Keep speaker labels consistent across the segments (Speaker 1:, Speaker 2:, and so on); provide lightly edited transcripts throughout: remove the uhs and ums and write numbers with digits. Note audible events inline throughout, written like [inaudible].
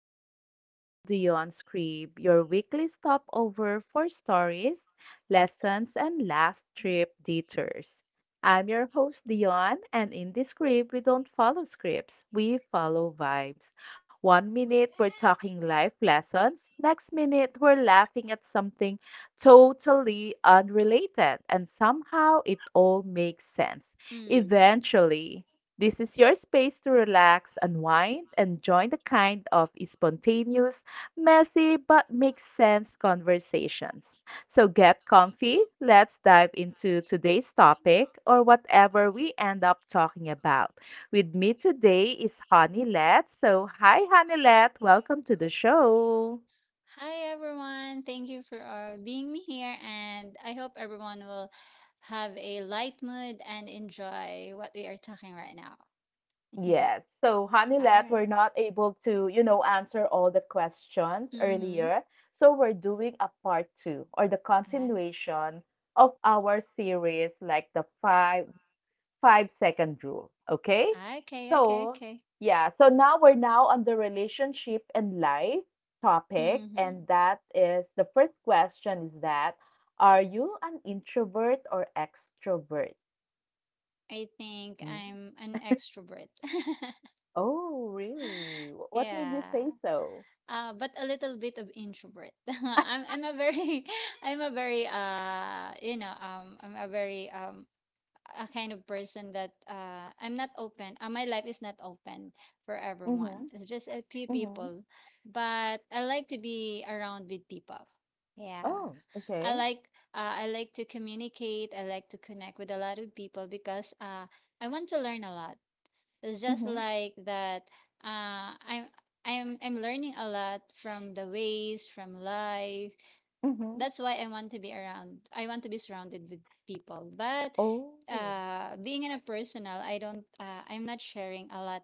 Speaker 1: welcome back to the Yon Scribe, your weekly stopover for stories, lessons, and laugh trip detours. I'm your host, Dion, and in this script, we don't follow scripts, we follow vibes. One minute, we're talking life lessons, next minute, we're laughing at something totally unrelated, and somehow it all makes sense
Speaker 2: Mm.
Speaker 1: eventually. This is your space to relax, unwind, and join the kind of spontaneous, messy, but makes sense conversations. So get comfy. Let's dive into today's topic or whatever we end up talking about. With me today is Honey Let. So, hi, Honey Let. Welcome to the show.
Speaker 2: Hi everyone. Thank you for being me here, and I hope everyone will have a light mood and enjoy what we are talking right now. [laughs]
Speaker 1: Yes. So Hanilet,
Speaker 2: Alright.
Speaker 1: we're not able to answer all the questions
Speaker 2: Mm-hmm.
Speaker 1: earlier. So we're doing a part two or the continuation of our series, like the five second rule. Okay?
Speaker 2: Okay, okay,
Speaker 1: So
Speaker 2: okay.
Speaker 1: yeah, so now we're now on the relationship and life topic,
Speaker 2: Mm-hmm.
Speaker 1: and that is, the first question is, that are you an introvert or extrovert?
Speaker 2: I think
Speaker 1: Hmm.
Speaker 2: I'm an extrovert. [laughs]
Speaker 1: Oh, really? What made you
Speaker 2: Yeah.
Speaker 1: say so?
Speaker 2: But a little bit of introvert. [laughs] I'm a very [laughs] I'm a very a kind of person that I'm not open. My life is not open for everyone.
Speaker 1: Mhm,
Speaker 2: It's just a few
Speaker 1: mhm.
Speaker 2: people, but I like to be around with people. Yeah,
Speaker 1: Oh,
Speaker 2: I
Speaker 1: okay.
Speaker 2: like I like to communicate. I like to connect with a lot of people because I want to learn a lot. It's just
Speaker 1: Mhm,
Speaker 2: like that. Uh, I'm I'm learning a lot from the ways from life.
Speaker 1: mhm.
Speaker 2: That's why I want to be around. I want to be surrounded with people. But
Speaker 1: Oh.
Speaker 2: being in a personal, I don't. I'm not sharing a lot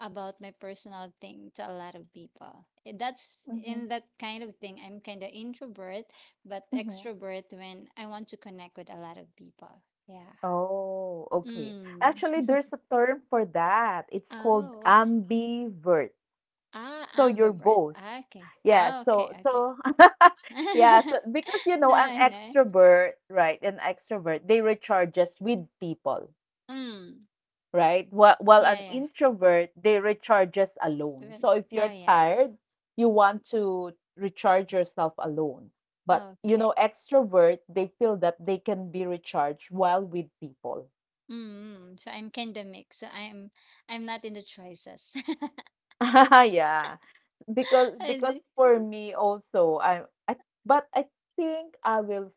Speaker 2: about my personal thing to a lot of people. That's
Speaker 1: Mhm,
Speaker 2: in that kind of thing. I'm kind of introvert, but
Speaker 1: mhm.
Speaker 2: extrovert when I want to connect with a lot of people. Yeah.
Speaker 1: Oh, okay. Actually,
Speaker 2: Mm.
Speaker 1: there's a term for that. It's called
Speaker 2: Oh, what?
Speaker 1: ambivert.
Speaker 2: Ah,
Speaker 1: So you're
Speaker 2: ambivert.
Speaker 1: both.
Speaker 2: Ah, okay.
Speaker 1: Yeah,
Speaker 2: Ah, okay.
Speaker 1: so
Speaker 2: Okay.
Speaker 1: so [laughs] yeah,
Speaker 2: [laughs]
Speaker 1: so, because
Speaker 2: No,
Speaker 1: an
Speaker 2: I know.
Speaker 1: extrovert, right? An extrovert, they recharges with people.
Speaker 2: Mm.
Speaker 1: Right? While
Speaker 2: Yeah,
Speaker 1: an
Speaker 2: yeah.
Speaker 1: introvert, they recharges alone.
Speaker 2: But-
Speaker 1: So if
Speaker 2: Oh,
Speaker 1: you're
Speaker 2: yeah.
Speaker 1: tired, you want to recharge yourself alone. But
Speaker 2: Okay.
Speaker 1: extrovert, they feel that they can be recharged while with people.
Speaker 2: Mm, so I'm kind of mixed. So I'm not in the choices. [laughs]
Speaker 1: [laughs] Yeah, because
Speaker 2: I
Speaker 1: because
Speaker 2: thi-
Speaker 1: for me also, I but I think I will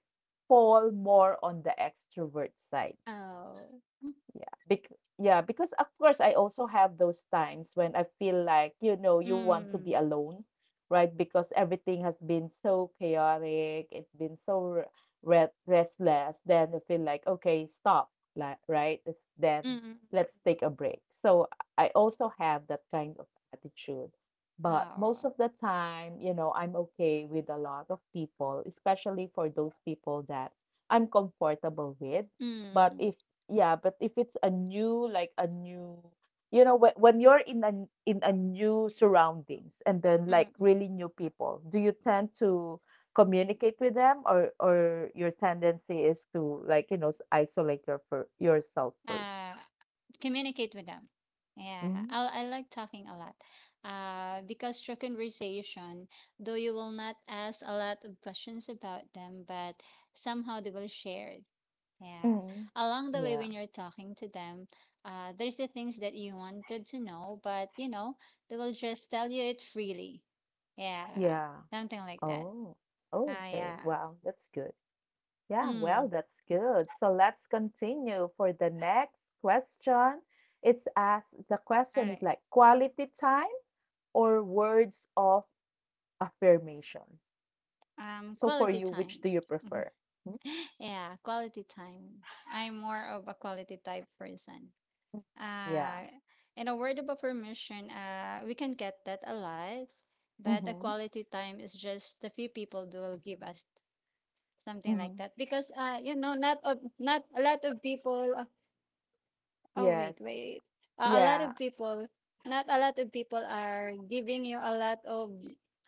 Speaker 1: fall more on the extrovert side.
Speaker 2: oh.
Speaker 1: Yeah, bec yeah, because of course I also have those times when I feel like, you want to be
Speaker 2: Mm.
Speaker 1: alone, right? Because everything has been so chaotic, it's been so r- re restless. Then I feel like, okay, stop, like, right? Then
Speaker 2: Mm.
Speaker 1: let's take a break. So I also have that kind of attitude. But most
Speaker 2: Oh.
Speaker 1: of the time, I'm okay with a lot of people, especially for those people that I'm comfortable with. But
Speaker 2: Mm.
Speaker 1: if yeah, but if it's a new, like a new, when you're in a new surroundings and then like
Speaker 2: Mm.
Speaker 1: really new people, do you tend to communicate with them, or your tendency is to, like, isolate yourself 1st?
Speaker 2: Uh, communicate with them. Yeah, I
Speaker 1: Mm-hmm.
Speaker 2: I like talking a lot. Because through conversation, though you will not ask a lot of questions about them, but somehow they will share. Yeah.
Speaker 1: Mm.
Speaker 2: Along the way,
Speaker 1: Yeah.
Speaker 2: when you're talking to them, there's the things that you wanted to know, but you know, they will just tell you it freely. Yeah.
Speaker 1: Yeah.
Speaker 2: Something like that.
Speaker 1: Oh. Oh,
Speaker 2: Ah,
Speaker 1: okay.
Speaker 2: yeah.
Speaker 1: Wow, that's good. Yeah, well,
Speaker 2: Mm.
Speaker 1: that's good. So let's continue for the next question. It's asked, the
Speaker 2: All
Speaker 1: question is
Speaker 2: right.
Speaker 1: like quality time or words of affirmation. So for
Speaker 2: Quality
Speaker 1: you, which
Speaker 2: time.
Speaker 1: do you prefer?
Speaker 2: [laughs]
Speaker 1: Mm.
Speaker 2: Yeah, quality time. I'm more of a quality type person.
Speaker 1: Mm. Yeah.
Speaker 2: Uh, in a word of affirmation, we can get that a lot, but a
Speaker 1: Mm-hmm.
Speaker 2: quality time is just the few people that will give us something like
Speaker 1: Mm-hmm.
Speaker 2: that because you know, not a lot of people oh,
Speaker 1: Yes.
Speaker 2: wait, wait, a lot
Speaker 1: Yeah.
Speaker 2: of people, not a lot of people are giving you a lot of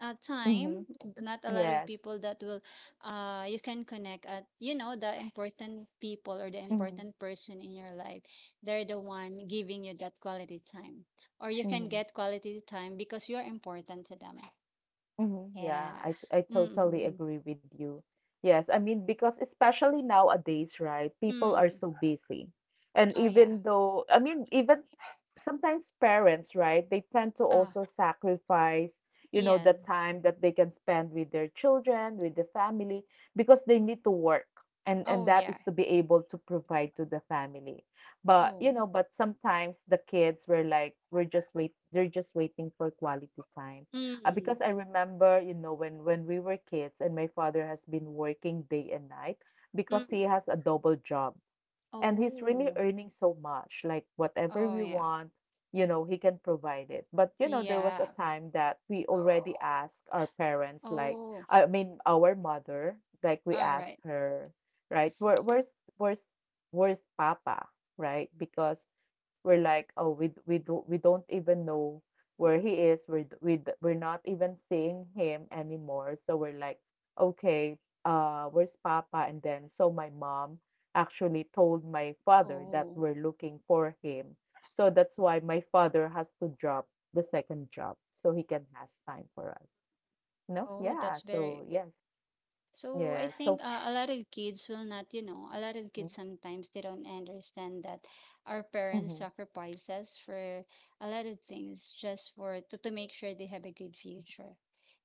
Speaker 2: time,
Speaker 1: Mm-hmm.
Speaker 2: not a lot of
Speaker 1: Yes.
Speaker 2: people that will, you can connect at, you know, the important people or the
Speaker 1: Mm-hmm.
Speaker 2: important person in your life, they're the one giving you that quality time, or you can
Speaker 1: Mm-hmm.
Speaker 2: get quality time because you're important to them.
Speaker 1: Mhm, yeah,
Speaker 2: Yeah.
Speaker 1: I
Speaker 2: Mm, mm,
Speaker 1: totally
Speaker 2: mm.
Speaker 1: agree with you. Yes, I mean, because especially nowadays, right?
Speaker 2: Mm.
Speaker 1: People are
Speaker 2: Mm.
Speaker 1: so busy. And
Speaker 2: Oh yeah.
Speaker 1: even though, I mean, even sometimes parents, right, they tend to
Speaker 2: Ah.
Speaker 1: also sacrifice, the
Speaker 2: Yes.
Speaker 1: time that they can spend with their children, with the family, because they need to work. And
Speaker 2: Oh,
Speaker 1: that
Speaker 2: yeah.
Speaker 1: is to be able to provide to the family. But
Speaker 2: Oh.
Speaker 1: you know, but sometimes the kids were like, they're just waiting for quality time. Uh,
Speaker 2: Mm.
Speaker 1: because I remember, when we were kids and my father has been working day and night because
Speaker 2: Mm.
Speaker 1: he has a double job and he's really
Speaker 2: Oh.
Speaker 1: earning so much, like whatever
Speaker 2: Oh,
Speaker 1: we
Speaker 2: yeah.
Speaker 1: want, he can provide it, but there was a
Speaker 2: Yeah.
Speaker 1: time that we already asked our parents, like,
Speaker 2: Oh.
Speaker 1: I mean, our mother, like we
Speaker 2: All right.
Speaker 1: asked her, right, where's where's papa, right? Because we're like, oh, we d- we do we don't even know where he is. We're d- we d- we're not even seeing him anymore, so we're like, okay, where's papa? And then so my mom actually told my father that
Speaker 2: Oh.
Speaker 1: we're looking for him. So that's why my father has to drop the second job so he can has time for us. No?
Speaker 2: Oh,
Speaker 1: Yeah.
Speaker 2: that's
Speaker 1: So
Speaker 2: very,
Speaker 1: yes.
Speaker 2: so I
Speaker 1: Yes. So
Speaker 2: think a lot of kids will not, you know, a lot of
Speaker 1: mm-hmm.
Speaker 2: kids sometimes they don't understand that our parents
Speaker 1: Mm-hmm,
Speaker 2: sacrifice us for a lot of things just for to make sure they have a good future.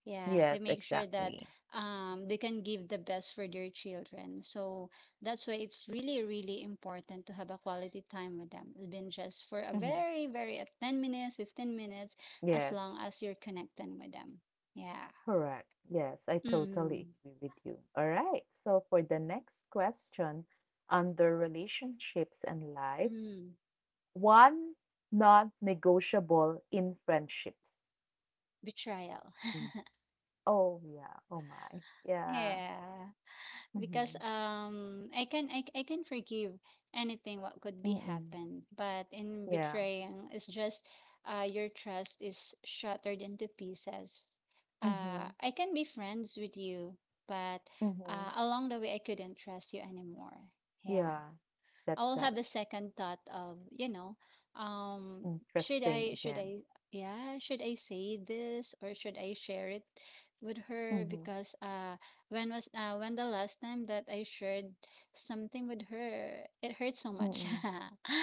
Speaker 2: Yeah,
Speaker 1: yes,
Speaker 2: to make sure that
Speaker 1: exactly.
Speaker 2: they can give the best for their children. So that's why it's really, really important to have a quality time with them, even just for a
Speaker 1: Mm-hmm.
Speaker 2: very, very 10 minutes, 15 minutes, as
Speaker 1: Yes.
Speaker 2: long as you're connecting with them. Yeah.
Speaker 1: Correct. Yes, I totally
Speaker 2: Mm-hmm.
Speaker 1: agree with you. All right. So for the next question, under relationships and life,
Speaker 2: Mm-hmm.
Speaker 1: one non-negotiable in friendships.
Speaker 2: Betrayal. [laughs]
Speaker 1: Hmm. Oh, yeah. Oh, my. Yeah.
Speaker 2: Yeah, because
Speaker 1: Mhm.
Speaker 2: I can forgive anything what could be
Speaker 1: Mm-mm.
Speaker 2: happened, but in
Speaker 1: Yeah.
Speaker 2: betraying it's just your trust is shattered into pieces. Uh,
Speaker 1: Mhm.
Speaker 2: I can be friends with you, but
Speaker 1: Mhm.
Speaker 2: along the way I couldn't trust you anymore. Yeah.
Speaker 1: Yeah. That's
Speaker 2: I will
Speaker 1: that.
Speaker 2: have the second thought of, you know, um,
Speaker 1: Interesting
Speaker 2: should
Speaker 1: again.
Speaker 2: I, yeah, should I say this, or should I share it with her?
Speaker 1: Mhm.
Speaker 2: Because when the last time that I shared something with her, it hurt so much.
Speaker 1: Mm-mm.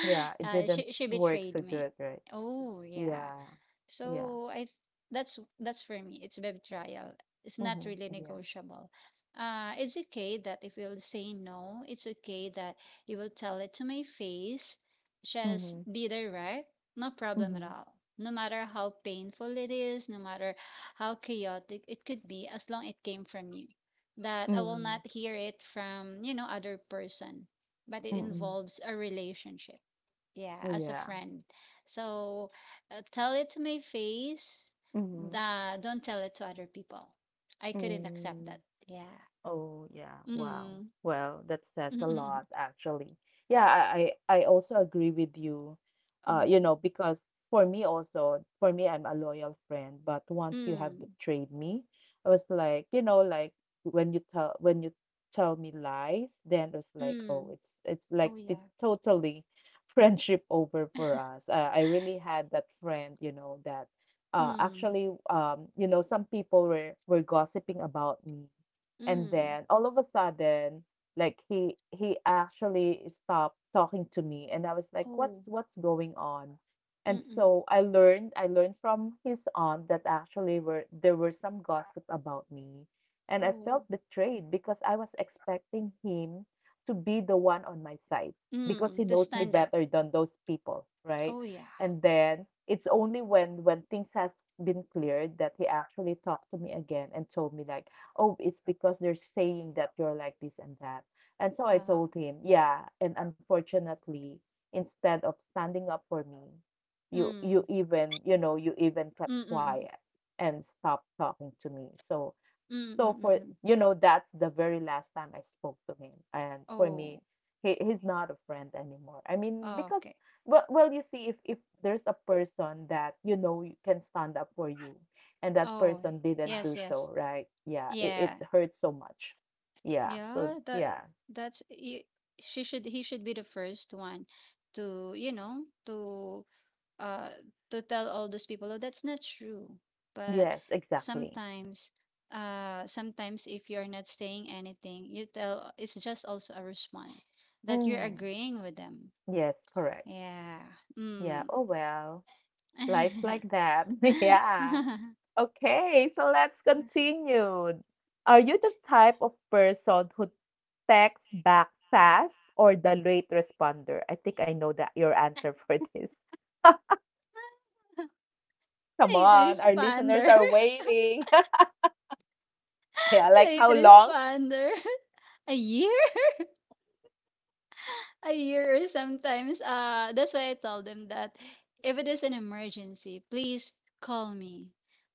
Speaker 1: Yeah, it didn't
Speaker 2: she
Speaker 1: work
Speaker 2: betrayed
Speaker 1: so
Speaker 2: me.
Speaker 1: good, right?
Speaker 2: Oh yeah,
Speaker 1: Yeah. Yeah.
Speaker 2: so I th- that's for me. It's baby trial. It's not
Speaker 1: Mhm.
Speaker 2: really
Speaker 1: Yeah.
Speaker 2: negotiable. It's okay that if you'll say no, it's okay that you will tell it to my face. Just
Speaker 1: Mhm.
Speaker 2: be direct. No problem at
Speaker 1: Mhm.
Speaker 2: all. No matter how painful it is, no matter how chaotic it could be, as long it came from you. That I will
Speaker 1: Mm.
Speaker 2: not hear it from, you know, other person, but it
Speaker 1: Mm-mm.
Speaker 2: involves a relationship. Yeah, as a
Speaker 1: Yeah.
Speaker 2: friend. So tell it to my face.
Speaker 1: Mhm.
Speaker 2: Don't tell it to other people. I couldn't accept
Speaker 1: Mm.
Speaker 2: that. Yeah.
Speaker 1: Oh, yeah. Wow.
Speaker 2: Mm.
Speaker 1: Well, that says a lot,
Speaker 2: [laughs]
Speaker 1: actually. Yeah, I also agree with you. Uh, you
Speaker 2: Oh.
Speaker 1: know, because for me also, for me, I'm a loyal friend, but once you have
Speaker 2: Mm.
Speaker 1: betrayed me, I was like, like, when you tell me lies, then it was like,
Speaker 2: Mm.
Speaker 1: oh, it's like
Speaker 2: Oh
Speaker 1: the
Speaker 2: yeah.
Speaker 1: totally [laughs] friendship over for us. I really had that friend, that
Speaker 2: Mm.
Speaker 1: actually some people were gossiping about me, and
Speaker 2: Mm.
Speaker 1: then all of a sudden, like he actually stopped talking to me, and I was like, what's
Speaker 2: Oh.
Speaker 1: what's going on? And
Speaker 2: Mm-mm.
Speaker 1: so I learned from his aunt that actually were there were some gossip about me. And I felt
Speaker 2: Oh.
Speaker 1: betrayed because I was expecting him to be the one on my side, because
Speaker 2: Mm.
Speaker 1: he
Speaker 2: To
Speaker 1: knows me
Speaker 2: stand up.
Speaker 1: better than those people, right?
Speaker 2: Oh yeah.
Speaker 1: And then it's only when things has been cleared that he actually talked to me again and told me, like, oh, it's because they're saying that you're like this and that. And so I
Speaker 2: Ah.
Speaker 1: told him, yeah, and, unfortunately, instead of standing up for me, you
Speaker 2: Mm.
Speaker 1: you even, you know, you even kept
Speaker 2: Mm-mm.
Speaker 1: quiet and stopped talking to me. So
Speaker 2: Mm-mm.
Speaker 1: so for
Speaker 2: Mm-mm.
Speaker 1: you know, that's the very last time I spoke to him. And for me,
Speaker 2: Oh.
Speaker 1: he's not a friend anymore. I mean, because
Speaker 2: Okay.
Speaker 1: well, you see, if there's a person that you know you can stand up for you, and that
Speaker 2: Oh.
Speaker 1: person didn't
Speaker 2: Yes.
Speaker 1: do
Speaker 2: Yes.
Speaker 1: so, right? Yeah, it
Speaker 2: Yeah.
Speaker 1: hurts so much. Yeah. So
Speaker 2: Yeah,
Speaker 1: yeah.
Speaker 2: that's y- she should, he should be the first one to, you know, uh to tell all those people, oh, that's not true.
Speaker 1: Yes,
Speaker 2: But
Speaker 1: exactly.
Speaker 2: sometimes if you're not saying anything, you tell, it's just also a response that you're
Speaker 1: Mm,
Speaker 2: agreeing with them.
Speaker 1: yes, correct.
Speaker 2: Yeah.
Speaker 1: Yeah.
Speaker 2: Mm.
Speaker 1: Oh well. Life's like that. [laughs] Yeah.
Speaker 2: [laughs]
Speaker 1: Okay, so let's continue. Are you the type of person who texts back fast or the late responder? I think I know that your answer for this. [laughs] Come
Speaker 2: Late
Speaker 1: on, our listeners
Speaker 2: responder.
Speaker 1: are waiting. [laughs] Yeah,
Speaker 2: [laughs]
Speaker 1: like
Speaker 2: Late
Speaker 1: how long?
Speaker 2: responder. [laughs] A year? A year, [laughs] sometimes. That's why I told them that if it is an emergency, please call me.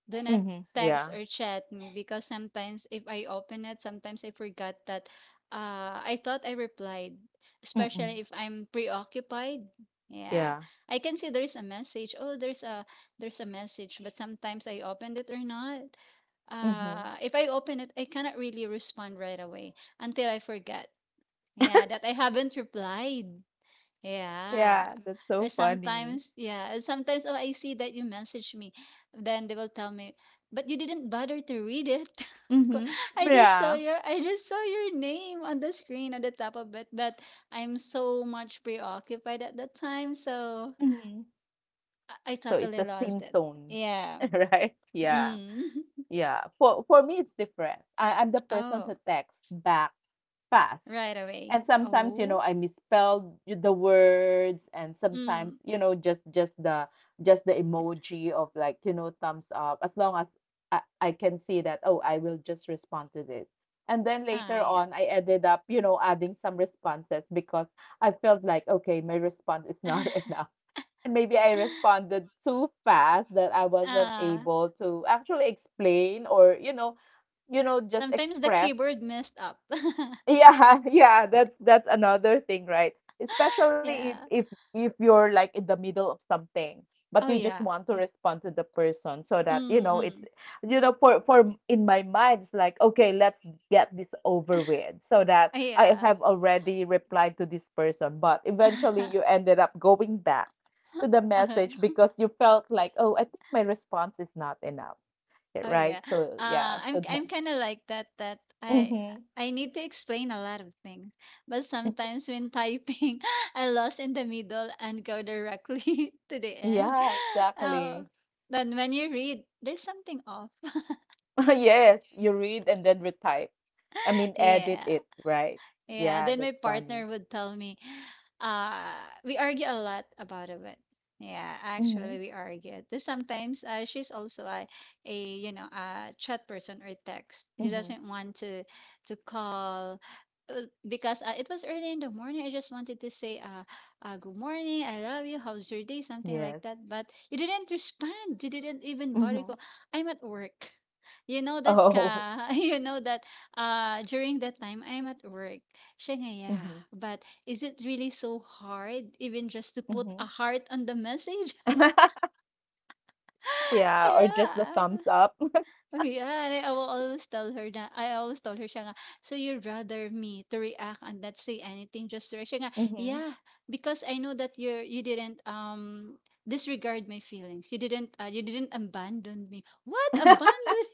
Speaker 2: Do not
Speaker 1: Mm-hmm.
Speaker 2: text
Speaker 1: Yeah.
Speaker 2: or chat me because sometimes if I open it, sometimes I forgot that I thought I replied, especially
Speaker 1: Mm-mm.
Speaker 2: if I'm preoccupied. Yeah,
Speaker 1: Yeah.
Speaker 2: I can see there's a message. Oh, there's a message, but sometimes I opened it or not.
Speaker 1: Mm-hmm.
Speaker 2: If I open it, I cannot really respond right away until I forget. Yeah, that I haven't replied. Yeah.
Speaker 1: Yeah, that's
Speaker 2: Or
Speaker 1: so funny.
Speaker 2: sometimes, yeah, and sometimes oh I see that you message me. Then they will tell me, but you didn't bother to read it. [laughs] Ko-
Speaker 1: Mm-hmm. Yeah.
Speaker 2: I just saw your name on the screen at the top of it, but I'm so much preoccupied at that time, so
Speaker 1: Mm-hmm.
Speaker 2: I
Speaker 1: So it's
Speaker 2: totally
Speaker 1: a sin
Speaker 2: lost it.
Speaker 1: zone,
Speaker 2: Yeah.
Speaker 1: [laughs] right? Yeah.
Speaker 2: Mm. [laughs]
Speaker 1: Yeah, for me it's different. I'm the person who
Speaker 2: Oh,
Speaker 1: texts back fast.
Speaker 2: right away.
Speaker 1: And sometimes,
Speaker 2: Oh.
Speaker 1: I misspelled the words, and sometimes,
Speaker 2: Mm.
Speaker 1: just the emoji of, like, thumbs up. As long as I can see that, oh, I will just respond to this. And then later
Speaker 2: Ah, yeah.
Speaker 1: on, I ended up, adding some responses because I felt like, okay, my response is not [laughs] enough. And maybe I
Speaker 2: [laughs]
Speaker 1: responded too fast that I wasn't
Speaker 2: Ah.
Speaker 1: able to actually explain, or, just
Speaker 2: Sometimes the
Speaker 1: express.
Speaker 2: keyboard messed up. [laughs]
Speaker 1: Yeah, [laughs] yeah, that's another thing, right? Especially
Speaker 2: Yeah.
Speaker 1: if if you're, like, in the middle of something, but
Speaker 2: Oh
Speaker 1: you just
Speaker 2: yeah.
Speaker 1: want to respond to the person so that,
Speaker 2: Mm,
Speaker 1: it's,
Speaker 2: mm.
Speaker 1: for in my mind it's like, okay, let's get this over with so that
Speaker 2: [laughs] Oh,
Speaker 1: I
Speaker 2: yeah.
Speaker 1: have already replied to this person, but eventually you ended up going back to the message
Speaker 2: uh
Speaker 1: because you felt like, oh, I think my response is not enough,
Speaker 2: oh
Speaker 1: right?
Speaker 2: yeah.
Speaker 1: So yeah,
Speaker 2: Uh, I'm
Speaker 1: so that.
Speaker 2: I'm kind of like that.
Speaker 1: Hmm.
Speaker 2: I need to explain a lot of things, but sometimes when typing, [laughs] I lost in the middle and go directly [laughs] to the
Speaker 1: [laughs]
Speaker 2: end. [gasps]
Speaker 1: Yeah,
Speaker 2: [laughs] Oh,
Speaker 1: exactly.
Speaker 2: then when you read, there's something off. [laughs]
Speaker 1: [laughs] Yes, you read and then retype. I mean, edit
Speaker 2: Yeah.
Speaker 1: it, right?
Speaker 2: Yeah,
Speaker 1: Yeah,
Speaker 2: then my
Speaker 1: that's funny.
Speaker 2: partner would tell me, uh, we argue a lot about it. Yeah,
Speaker 1: Mm-hmm.
Speaker 2: actually we argue. Then sometimes she's also a you know a chat person or text. She
Speaker 1: Mm-hmm.
Speaker 2: doesn't want to call because it was early in the morning. I just wanted to say good morning, I love you, how's your day, something like
Speaker 1: Yes.
Speaker 2: that. But you didn't respond. You didn't even bother.
Speaker 1: Mm-hmm.
Speaker 2: Go, I'm at work. You know that
Speaker 1: Oh. [laughs]
Speaker 2: ka, [laughs] you know that during that time I'm at work. Siya nga, yeah,
Speaker 1: Mm-hmm.
Speaker 2: but is it really so hard even just to put
Speaker 1: Mm-hmm.
Speaker 2: a heart on the message?
Speaker 1: [laughs]
Speaker 2: [laughs]
Speaker 1: Yeah, or just the thumbs
Speaker 2: Yeah.
Speaker 1: up.
Speaker 2: Oh, yeah. And I will always tell her that. I always told her, Shanga, so you'd rather me to react and not say anything, just to react. Shanga,
Speaker 1: Mm-hmm.
Speaker 2: yeah, because I know that you didn't disregard my feelings. You didn't abandon me. What
Speaker 1: [laughs]
Speaker 2: abandon?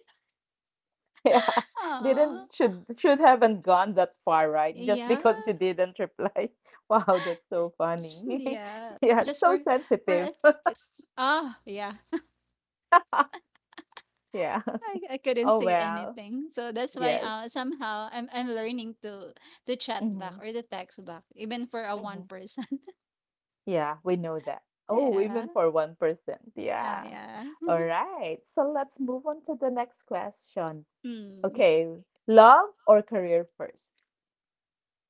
Speaker 1: Yeah.
Speaker 2: [laughs]
Speaker 1: Didn't
Speaker 2: Aww.
Speaker 1: should haven't gone that far, right? Just
Speaker 2: Yeah.
Speaker 1: because you
Speaker 2: [laughs]
Speaker 1: didn't reply. [laughs] Wow, that's so funny. [laughs]
Speaker 2: Yeah.
Speaker 1: Yeah,
Speaker 2: Just
Speaker 1: so
Speaker 2: for
Speaker 1: sensitive.
Speaker 2: a
Speaker 1: [laughs]
Speaker 2: Ah, yeah.
Speaker 1: Yeah.
Speaker 2: I couldn't
Speaker 1: Oh
Speaker 2: say
Speaker 1: well.
Speaker 2: anything. So that's why
Speaker 1: Yes.
Speaker 2: somehow I'm learning to chat back
Speaker 1: Mm-hmm.
Speaker 2: or to text back, even for a one
Speaker 1: Mm-hmm.
Speaker 2: person.
Speaker 1: Yeah, we know that.
Speaker 2: [laughs]
Speaker 1: Oh,
Speaker 2: Yeah.
Speaker 1: even for 1%.
Speaker 2: Oh
Speaker 1: Yeah.
Speaker 2: yeah.
Speaker 1: All right. So let's move on to the next question.
Speaker 2: [laughs] Hmm.
Speaker 1: Okay. Love or career first?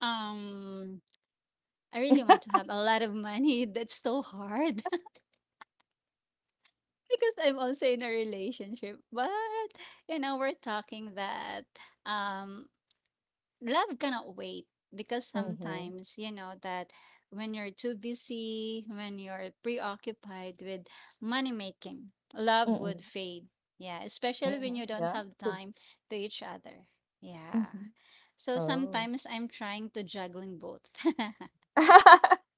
Speaker 2: Um I really want to have a lot of money. [laughs] That's so hard [laughs] because I'm also in a relationship. But you know, we're talking that um love cannot wait, because
Speaker 1: Mm-hmm.
Speaker 2: sometimes you know that when you're too busy, when you're preoccupied with money making, love
Speaker 1: Mm-hmm.
Speaker 2: would fade, yeah, especially when
Speaker 1: Mm-hmm.
Speaker 2: you don't
Speaker 1: Yeah.
Speaker 2: have
Speaker 1: Good.
Speaker 2: time to each other. Yeah,
Speaker 1: Mm-hmm.
Speaker 2: so
Speaker 1: Oh.
Speaker 2: sometimes I'm trying to juggling both. [laughs]
Speaker 1: [laughs]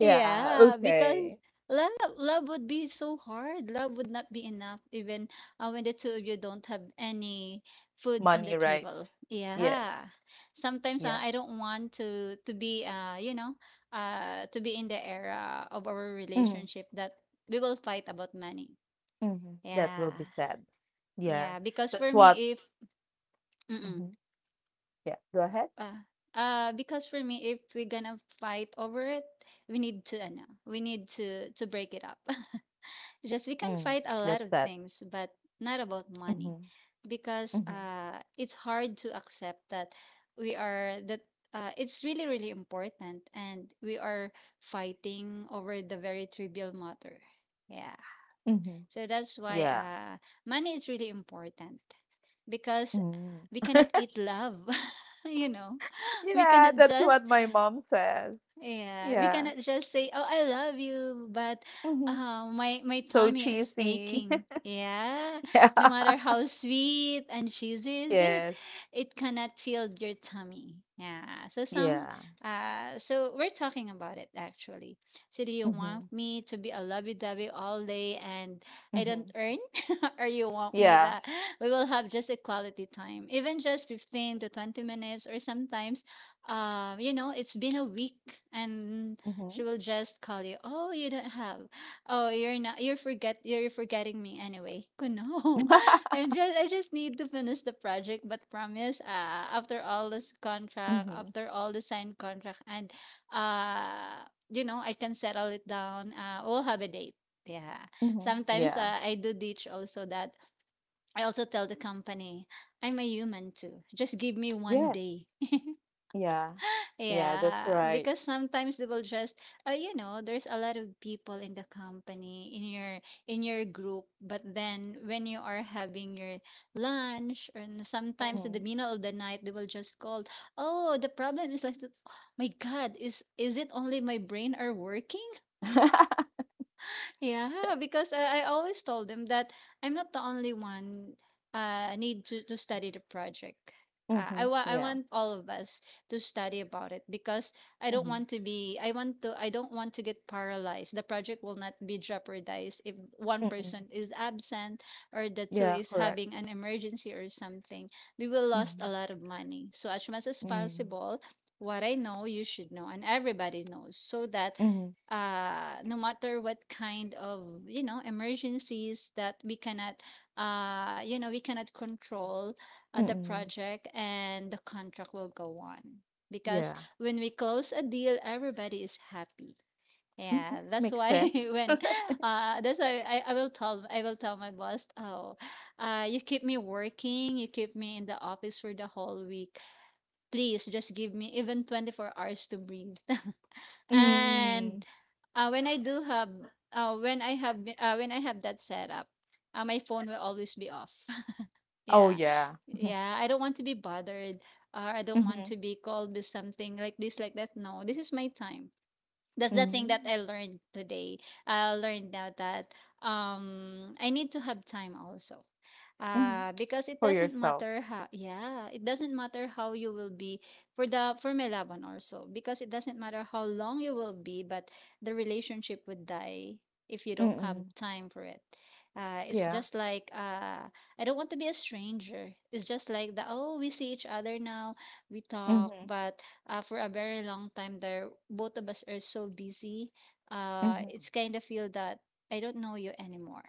Speaker 1: Yeah.
Speaker 2: Yeah, because
Speaker 1: Okay.
Speaker 2: love love would be so hard. Love would not be enough even when the two of you don't have any food
Speaker 1: Money,
Speaker 2: on the
Speaker 1: right?
Speaker 2: table.
Speaker 1: Yes.
Speaker 2: Yeah. Sometimes
Speaker 1: Yeah.
Speaker 2: I don't want to be you know to be in the era of our
Speaker 1: Mm-hmm.
Speaker 2: relationship that we will fight about money.
Speaker 1: Mm-hmm. That will
Speaker 2: Yeah.
Speaker 1: be sad. Yeah.
Speaker 2: Yeah, because for
Speaker 1: That's what.
Speaker 2: me if
Speaker 1: Mm-hmm.
Speaker 2: mm-mm,
Speaker 1: Yeah. Go ahead.
Speaker 2: uh, because for me if we're gonna fight over it, we need to no, we need to break it up. Just we
Speaker 1: Mm.
Speaker 2: can fight
Speaker 1: That's
Speaker 2: a lot
Speaker 1: sad.
Speaker 2: of things, but not about
Speaker 1: Mm-hmm.
Speaker 2: money,
Speaker 1: Mm-hmm.
Speaker 2: because it's hard to accept that we are that it's really really important, and we are fighting over the very trivial matter. Yeah,
Speaker 1: Mm-hmm.
Speaker 2: so that's why
Speaker 1: Yeah.
Speaker 2: money is really important because
Speaker 1: Mm.
Speaker 2: we
Speaker 1: [laughs]
Speaker 2: cannot eat love. [laughs] You know, we
Speaker 1: Yeah,
Speaker 2: cannot
Speaker 1: that's
Speaker 2: just,
Speaker 1: what my mom says.
Speaker 2: yeah, we
Speaker 1: Yeah.
Speaker 2: cannot just say, "Oh, I love you," but
Speaker 1: Mhm.
Speaker 2: my my
Speaker 1: So
Speaker 2: tummy is
Speaker 1: cheesy.
Speaker 2: aching.
Speaker 1: [laughs]
Speaker 2: Yeah,
Speaker 1: Yeah.
Speaker 2: no matter how sweet and cheesy is it,
Speaker 1: Yes.
Speaker 2: it cannot feel your tummy. Yeah. So some,
Speaker 1: Yeah.
Speaker 2: so we're talking about it actually. So do you want
Speaker 1: Mhm.
Speaker 2: me to be a lovey-dovey all day and I don't
Speaker 1: Mhm.
Speaker 2: earn, [laughs] or you want me
Speaker 1: Yeah.
Speaker 2: that we will have just a quality time, even just 15 to 20 minutes, or sometimes it's been a week and
Speaker 1: Mhm.
Speaker 2: she will just call you, "Oh, you don't have. Oh, you're forgetting me anyway." [laughs] No. I just need to finish the project, but promise, after all this
Speaker 1: Mhm.
Speaker 2: contract,
Speaker 1: Mhm.
Speaker 2: after all the signed contract. And I can settle it down. We'll have a date. Yeah.
Speaker 1: [laughs]
Speaker 2: Sometimes
Speaker 1: Yeah.
Speaker 2: I do ditch also. That I also tell the company, "I'm a human too. Just give me one
Speaker 1: Yes.
Speaker 2: day."
Speaker 1: Yeah. Yeah, that's
Speaker 2: Yeah,
Speaker 1: right.
Speaker 2: because sometimes they will just, there's a lot of people in the company, in your group, but then when you are having your lunch, and sometimes in
Speaker 1: Mhm.
Speaker 2: the middle of the night, they will just call, "Oh, the problem is like, oh my God, is it only my brain are working?"
Speaker 1: Mhm. [laughs]
Speaker 2: Yeah, because I always told them that I'm not the only one need to study the project. I
Speaker 1: Yeah.
Speaker 2: want all of us to study about it because
Speaker 1: Mhm.
Speaker 2: I don't want to get paralyzed. The project will not be jeopardized if one
Speaker 1: Mm-mm.
Speaker 2: person is absent, or the two
Speaker 1: Yeah,
Speaker 2: is
Speaker 1: correct.
Speaker 2: having an emergency or something. We will lost a
Speaker 1: Mhm.
Speaker 2: lot of money. So as much as
Speaker 1: Mm.
Speaker 2: possible, what I know you should know, and everybody knows, so that
Speaker 1: Mhm.
Speaker 2: no matter what kind of emergencies that we cannot we cannot control, the
Speaker 1: Mm-mm.
Speaker 2: project and the contract will go on. Because
Speaker 1: Yeah.
Speaker 2: when we close a deal, everybody is happy. Yeah,
Speaker 1: Mhm.
Speaker 2: that's
Speaker 1: Makes
Speaker 2: why. [laughs]
Speaker 1: sense.
Speaker 2: When that's why I will tell my boss, "Oh, you keep me working, you keep me in the office for the whole week, please just give me even 24 hours to breathe." [laughs] And
Speaker 1: Mm.
Speaker 2: when I do have when I have the- when I have that setup, my phone will always be off. [laughs]
Speaker 1: Oh,
Speaker 2: Yeah.
Speaker 1: yeah.
Speaker 2: Yeah, I don't want to be bothered or I don't want
Speaker 1: Mhm.
Speaker 2: to be called with something like this like that. No, this is my time. That's the thing that
Speaker 1: Mhm.
Speaker 2: I learned today. I learned now that I need to have time also.
Speaker 1: Mhm.
Speaker 2: Because it
Speaker 1: For
Speaker 2: doesn't
Speaker 1: yourself.
Speaker 2: matter how, yeah, it doesn't matter how you will be, for the for Melaban also, because it doesn't matter how long you will be, but the relationship would die if you don't have
Speaker 1: Mm.
Speaker 2: time for it. Uh, it's
Speaker 1: Yeah.
Speaker 2: just like uh, I don't want to be a stranger. It's just like the oh we see each other now, we talk,
Speaker 1: Mhm,
Speaker 2: but for a very long time there, both of us are so busy,
Speaker 1: mhm.
Speaker 2: it's kind of feel that I don't know you anymore.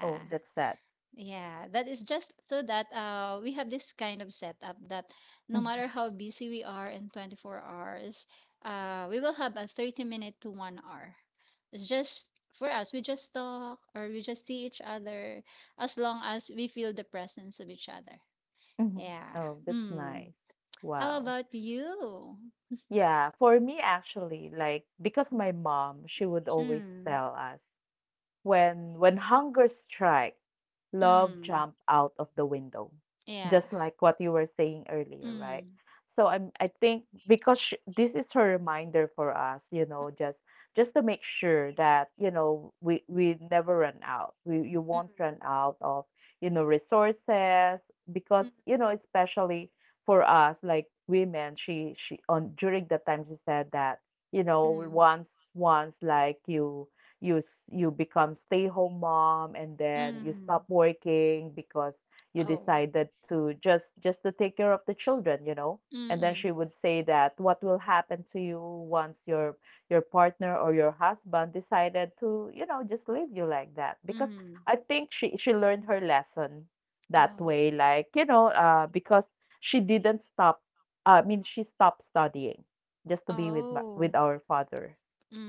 Speaker 1: Oh, that's sad.
Speaker 2: Yeah, that is just, so that we have this kind of setup that no
Speaker 1: Mhm,
Speaker 2: matter how busy we are, in 24 hours we will have a 30 minute to 1 hour. It's just for us. We just talk, or we just see each other, as long as we feel the presence of each other.
Speaker 1: mhm.
Speaker 2: Yeah.
Speaker 1: Oh, that's
Speaker 2: Mm.
Speaker 1: nice.
Speaker 2: How
Speaker 1: Wow.
Speaker 2: about you?
Speaker 1: Yeah, for me actually, like, because my mom, she would always
Speaker 2: Mm.
Speaker 1: tell us, when hunger strikes, love
Speaker 2: Mm,
Speaker 1: jump out of the window,
Speaker 2: yeah.
Speaker 1: just like what you were saying earlier, right?
Speaker 2: Mm,
Speaker 1: So I think because sh this is her reminder for us, you know, just to make sure that you know we never run out. We You
Speaker 2: mm,
Speaker 1: won't run out of, you know, resources, because
Speaker 2: mm,
Speaker 1: you know, especially for us like women, she on during that time, she said that you know,
Speaker 2: mm,
Speaker 1: once like you you become stay-home mom and then you stop
Speaker 2: mm.
Speaker 1: working because you
Speaker 2: Oh.
Speaker 1: decided to just to take care of the children, you know.
Speaker 2: Mm,
Speaker 1: And then
Speaker 2: mm,
Speaker 1: she would say that what will happen to you once your partner or your husband decided to, you know, just leave you like that. Because
Speaker 2: mm.
Speaker 1: I think she learned her lesson that
Speaker 2: Oh.
Speaker 1: way, like, you know, because she didn't stop, she stopped studying just to be with with
Speaker 2: Oh.
Speaker 1: our father.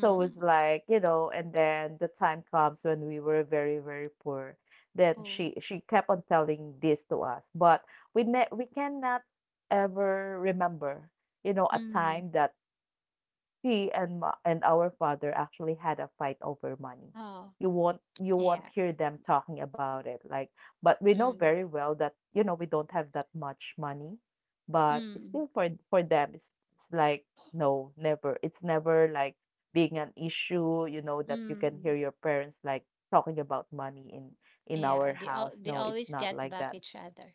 Speaker 1: So it's like, you know, and then the time comes when we were very, very poor. Then
Speaker 2: Oh.
Speaker 1: she kept on telling this to us, but we cannot ever remember, you know, a
Speaker 2: Mm.
Speaker 1: time that she and our father actually had a fight over money.
Speaker 2: Oh.
Speaker 1: You
Speaker 2: Yeah.
Speaker 1: won't hear them talking about it, like, but we know
Speaker 2: Mm.
Speaker 1: very well that, you know, we don't have that much money, but it's
Speaker 2: Mm.
Speaker 1: still for them, it's like, no, never. It's never like being an issue, you know, that you can
Speaker 2: Mm.
Speaker 1: hear your parents like talking about money in
Speaker 2: Yeah.
Speaker 1: our
Speaker 2: They all
Speaker 1: house.
Speaker 2: they
Speaker 1: No, it's
Speaker 2: always
Speaker 1: not
Speaker 2: get
Speaker 1: like
Speaker 2: back
Speaker 1: that.
Speaker 2: each other.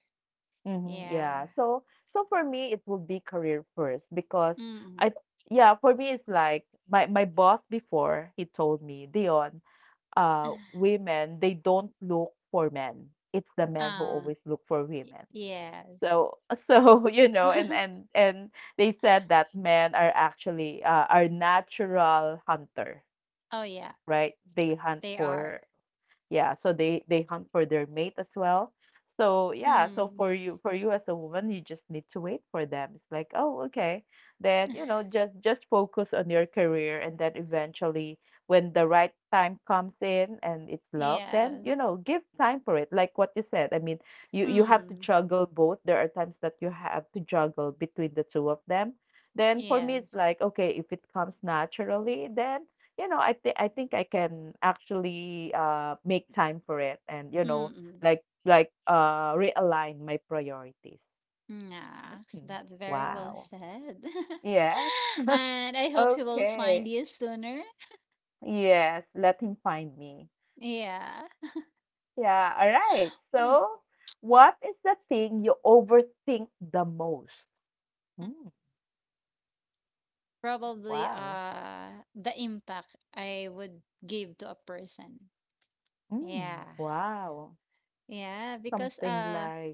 Speaker 1: Mhm, yeah.
Speaker 2: Yeah.
Speaker 1: So for me it would be career first because
Speaker 2: Mm.
Speaker 1: I, yeah, for me it's like my boss before, he told me, Dion, uh,
Speaker 2: [sighs]
Speaker 1: women, they don't look for men. It's the men who
Speaker 2: Ah.
Speaker 1: always look for
Speaker 2: Y-
Speaker 1: women.
Speaker 2: yes.
Speaker 1: So so [laughs] you know, and
Speaker 2: [laughs]
Speaker 1: and and they said that men are actually are natural hunter,
Speaker 2: Oh yeah.
Speaker 1: right? They hunt
Speaker 2: They
Speaker 1: for,
Speaker 2: are.
Speaker 1: yeah, so they hunt for their mate as well. So yeah, so
Speaker 2: Mm.
Speaker 1: for you as a woman, you just need to wait for them. It's like, oh, okay. Then, you know, just focus on your career and then eventually when the right time comes in and it's love, then,
Speaker 2: Yes.
Speaker 1: you know, give time for it. Like what you said. I mean, you have to
Speaker 2: Mm.
Speaker 1: juggle both. There are times that you have to juggle between the two of them. Then for me,
Speaker 2: Yes.
Speaker 1: it's like, okay, if it comes naturally, then you know, I think I can actually, uh, make time for it and you know,
Speaker 2: Mm.
Speaker 1: like, uh, realign my priorities.
Speaker 2: Yeah,
Speaker 1: Hmm.
Speaker 2: that's very well
Speaker 1: Wow.
Speaker 2: said. [laughs]
Speaker 1: Yes. [laughs]
Speaker 2: And I hope he will find
Speaker 1: Okay.
Speaker 2: you sooner.
Speaker 1: Yes, let him find me.
Speaker 2: Yeah.
Speaker 1: Yeah, all right.
Speaker 2: Hmm,
Speaker 1: So, what is the thing you overthink the most? Mm,
Speaker 2: probably
Speaker 1: wow.
Speaker 2: the impact I would give to a person.
Speaker 1: Mm,
Speaker 2: Yeah.
Speaker 1: wow.
Speaker 2: Yeah, because
Speaker 1: Something like,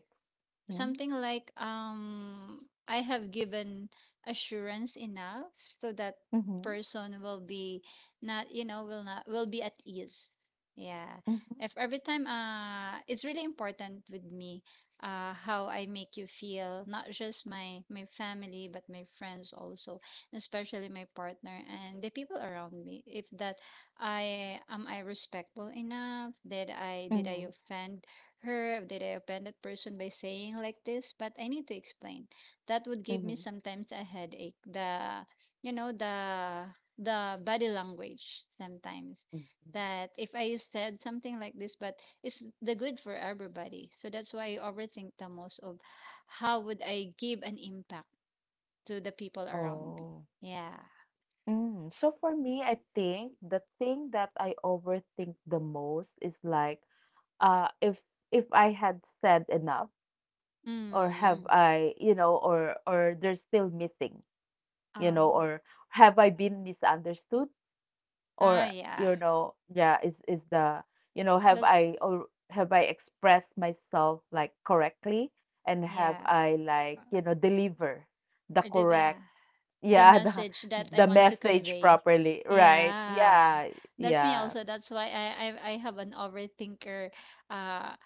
Speaker 1: mm-hmm,
Speaker 2: something like I have given assurance enough so that
Speaker 1: mm-hmm,
Speaker 2: person will be not you know will not will be at ease. Yeah. If every time, it's really important with me how I make you feel, not just my my family but my friends also, especially my partner and the people around me. If that I am I respectful enough, did I did
Speaker 1: mm-hmm,
Speaker 2: I offend her, did I offend that person by saying like this? But I need to explain. That would give me
Speaker 1: mm-hmm.
Speaker 2: sometimes a headache. The you know The body language, sometimes, that if I said something like this, but it's the good for everybody. So that's why I overthink the most of how would I give an impact to the people around me.
Speaker 1: Oh.
Speaker 2: Yeah.
Speaker 1: Mm, so for me, I think the thing that I overthink the most is like, uh, if if I had said enough, or have
Speaker 2: Mm.
Speaker 1: I, you know, or there's still missing, you know,
Speaker 2: Oh.
Speaker 1: or have I been misunderstood,
Speaker 2: Ah.
Speaker 1: or
Speaker 2: Yeah.
Speaker 1: you know, yeah, is the, you know,
Speaker 2: That's
Speaker 1: have I expressed myself like correctly, and have
Speaker 2: yeah.
Speaker 1: I like, you know, deliver the
Speaker 2: I did that.
Speaker 1: correct,
Speaker 2: The
Speaker 1: yeah,
Speaker 2: message that I
Speaker 1: the
Speaker 2: want to
Speaker 1: message
Speaker 2: convey.
Speaker 1: properly, right?
Speaker 2: Yeah,
Speaker 1: Yeah,
Speaker 2: that's me
Speaker 1: yeah.
Speaker 2: also. That's why I have an overthinker. Uh,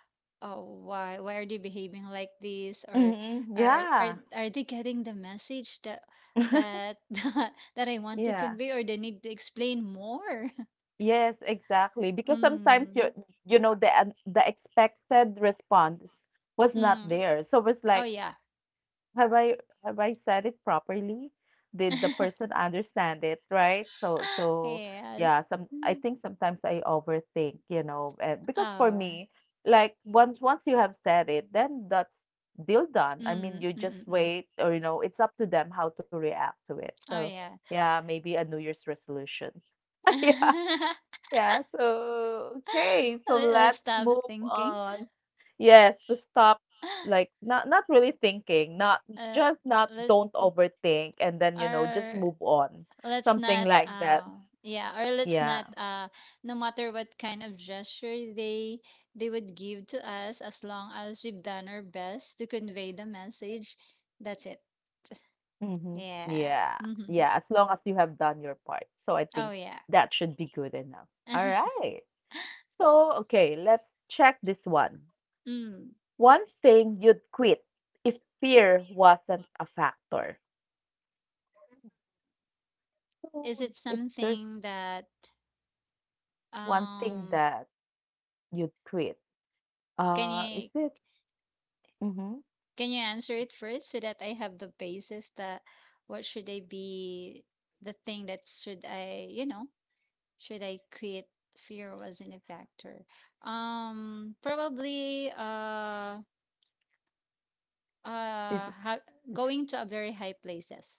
Speaker 2: oh, why are they behaving like this? Or
Speaker 1: Hmm.
Speaker 2: are are
Speaker 1: Yeah.
Speaker 2: are they getting the message that
Speaker 1: [laughs]
Speaker 2: that [laughs] that I want to
Speaker 1: Yeah.
Speaker 2: convey, or they need to explain more?
Speaker 1: Yes, exactly.
Speaker 2: [laughs]
Speaker 1: Because sometimes you,
Speaker 2: Mm.
Speaker 1: you know, the expected response was not
Speaker 2: Mm.
Speaker 1: there. So it's
Speaker 2: Oh
Speaker 1: like,
Speaker 2: yeah.
Speaker 1: have I, said it properly? Did the person understand it, right? So
Speaker 2: [laughs]
Speaker 1: so
Speaker 2: Yes.
Speaker 1: yeah, some, I
Speaker 2: Mm.
Speaker 1: think sometimes I overthink, you know, and because for
Speaker 2: Oh.
Speaker 1: me, like once you have said it, then that's deal done.
Speaker 2: Mm,
Speaker 1: I mean, you
Speaker 2: mm,
Speaker 1: just
Speaker 2: mm, mm. Mm.
Speaker 1: wait or you know, it's up to them how to react to it. So
Speaker 2: Oh
Speaker 1: yeah, maybe a New Year's resolution. [laughs] Yeah.
Speaker 2: yeah. [laughs]
Speaker 1: Yeah, so okay,
Speaker 2: [laughs]
Speaker 1: so
Speaker 2: Let- let's
Speaker 1: let's
Speaker 2: stop
Speaker 1: move
Speaker 2: thinking.
Speaker 1: on. Yes, to stop like
Speaker 2: [laughs]
Speaker 1: not really thinking, not
Speaker 2: Uh,
Speaker 1: just not,
Speaker 2: let's
Speaker 1: don't overthink and then you know just
Speaker 2: or
Speaker 1: move on.
Speaker 2: let's
Speaker 1: Something
Speaker 2: not.
Speaker 1: like that.
Speaker 2: Yeah, or Let's
Speaker 1: Yeah.
Speaker 2: not. No matter what kind of gesture they would give to us, as long as we've done our best to convey the message, that's it.
Speaker 1: Mm-hmm.
Speaker 2: Yeah.
Speaker 1: Yeah.
Speaker 2: Hmm.
Speaker 1: Yeah, as long as you have done your part. So I
Speaker 2: Oh
Speaker 1: think
Speaker 2: yeah.
Speaker 1: that should be good enough. All
Speaker 2: [laughs]
Speaker 1: right. So, okay, let's check this one.
Speaker 2: Mm.
Speaker 1: One thing you'd quit if fear wasn't a factor.
Speaker 2: Is
Speaker 1: So
Speaker 2: it
Speaker 1: if there's
Speaker 2: something that
Speaker 1: one thing
Speaker 2: um?
Speaker 1: that you'd quit.
Speaker 2: Can
Speaker 1: Is
Speaker 2: you
Speaker 1: it, mhm.
Speaker 2: can you answer it first, so that I have the basis that what should I be, the thing that should I, you know, should I create fear wasn't a factor? Probably
Speaker 1: Is
Speaker 2: uh ha-
Speaker 1: it's,
Speaker 2: going to a very high places.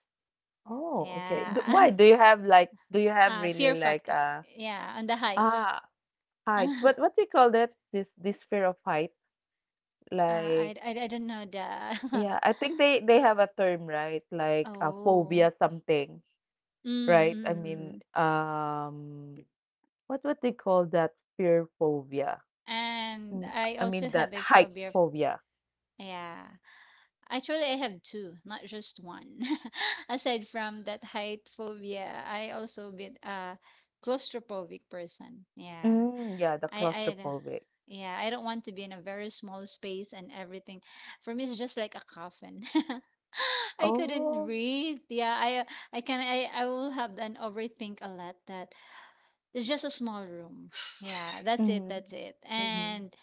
Speaker 1: oh, okay. D
Speaker 2: Yeah.
Speaker 1: Why? Do
Speaker 2: [laughs]
Speaker 1: you have like, do you have really
Speaker 2: Fear
Speaker 1: like,
Speaker 2: factor.
Speaker 1: uh,
Speaker 2: Yeah, on the heights.
Speaker 1: ah,
Speaker 2: [laughs]
Speaker 1: heights?
Speaker 2: Uh,
Speaker 1: What do you call that? This fear of height? Like
Speaker 2: I don't know the.
Speaker 1: yeah, I think they have a term, right?
Speaker 2: [laughs]
Speaker 1: Like a
Speaker 2: Oh.
Speaker 1: phobia something,
Speaker 2: Mm, mm,
Speaker 1: right? I
Speaker 2: mm. Mm.
Speaker 1: mean,
Speaker 2: Mm.
Speaker 1: um, what do you call that fear phobia?
Speaker 2: And
Speaker 1: Mm,
Speaker 2: I
Speaker 1: I
Speaker 2: also
Speaker 1: mean that
Speaker 2: have a
Speaker 1: height
Speaker 2: phobia of-
Speaker 1: phobia.
Speaker 2: yeah. Actually, I have two, not just one. [laughs] Aside from that height phobia, I also bit a claustrophobic person. Yeah.
Speaker 1: Mm, yeah, the
Speaker 2: I
Speaker 1: claustrophobic.
Speaker 2: Yeah, I don't want to be in a very small space and everything. For me, it's just like a coffin. [laughs] I couldn't
Speaker 1: Oh.
Speaker 2: breathe. Yeah, I can I will have an overthink a lot that it's just a small room. Yeah, that's it,
Speaker 1: Mhm.
Speaker 2: that's it.
Speaker 1: Mhm.
Speaker 2: And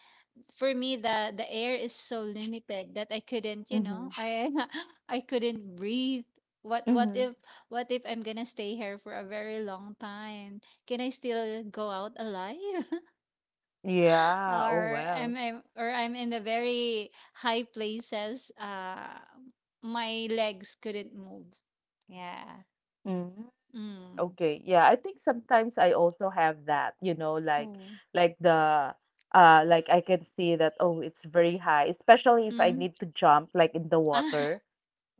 Speaker 2: for me the air is so limited that I couldn't, you know,
Speaker 1: Mhm.
Speaker 2: I [laughs] I couldn't breathe. What what
Speaker 1: Mhm.
Speaker 2: if what if I'm gonna stay here for a very long time? Can I still go out alive? [laughs]
Speaker 1: Yeah. Oh,
Speaker 2: Or
Speaker 1: well.
Speaker 2: am I, or I'm in the very high places, my legs couldn't move. Yeah.
Speaker 1: Mhm.
Speaker 2: Mm.
Speaker 1: Okay. Yeah, I think sometimes I also have that, you know,
Speaker 2: Oh.
Speaker 1: like the, uh, like I can see that, oh, it's very high, especially if I
Speaker 2: Mm.
Speaker 1: need to jump like in the
Speaker 2: Ah,
Speaker 1: water.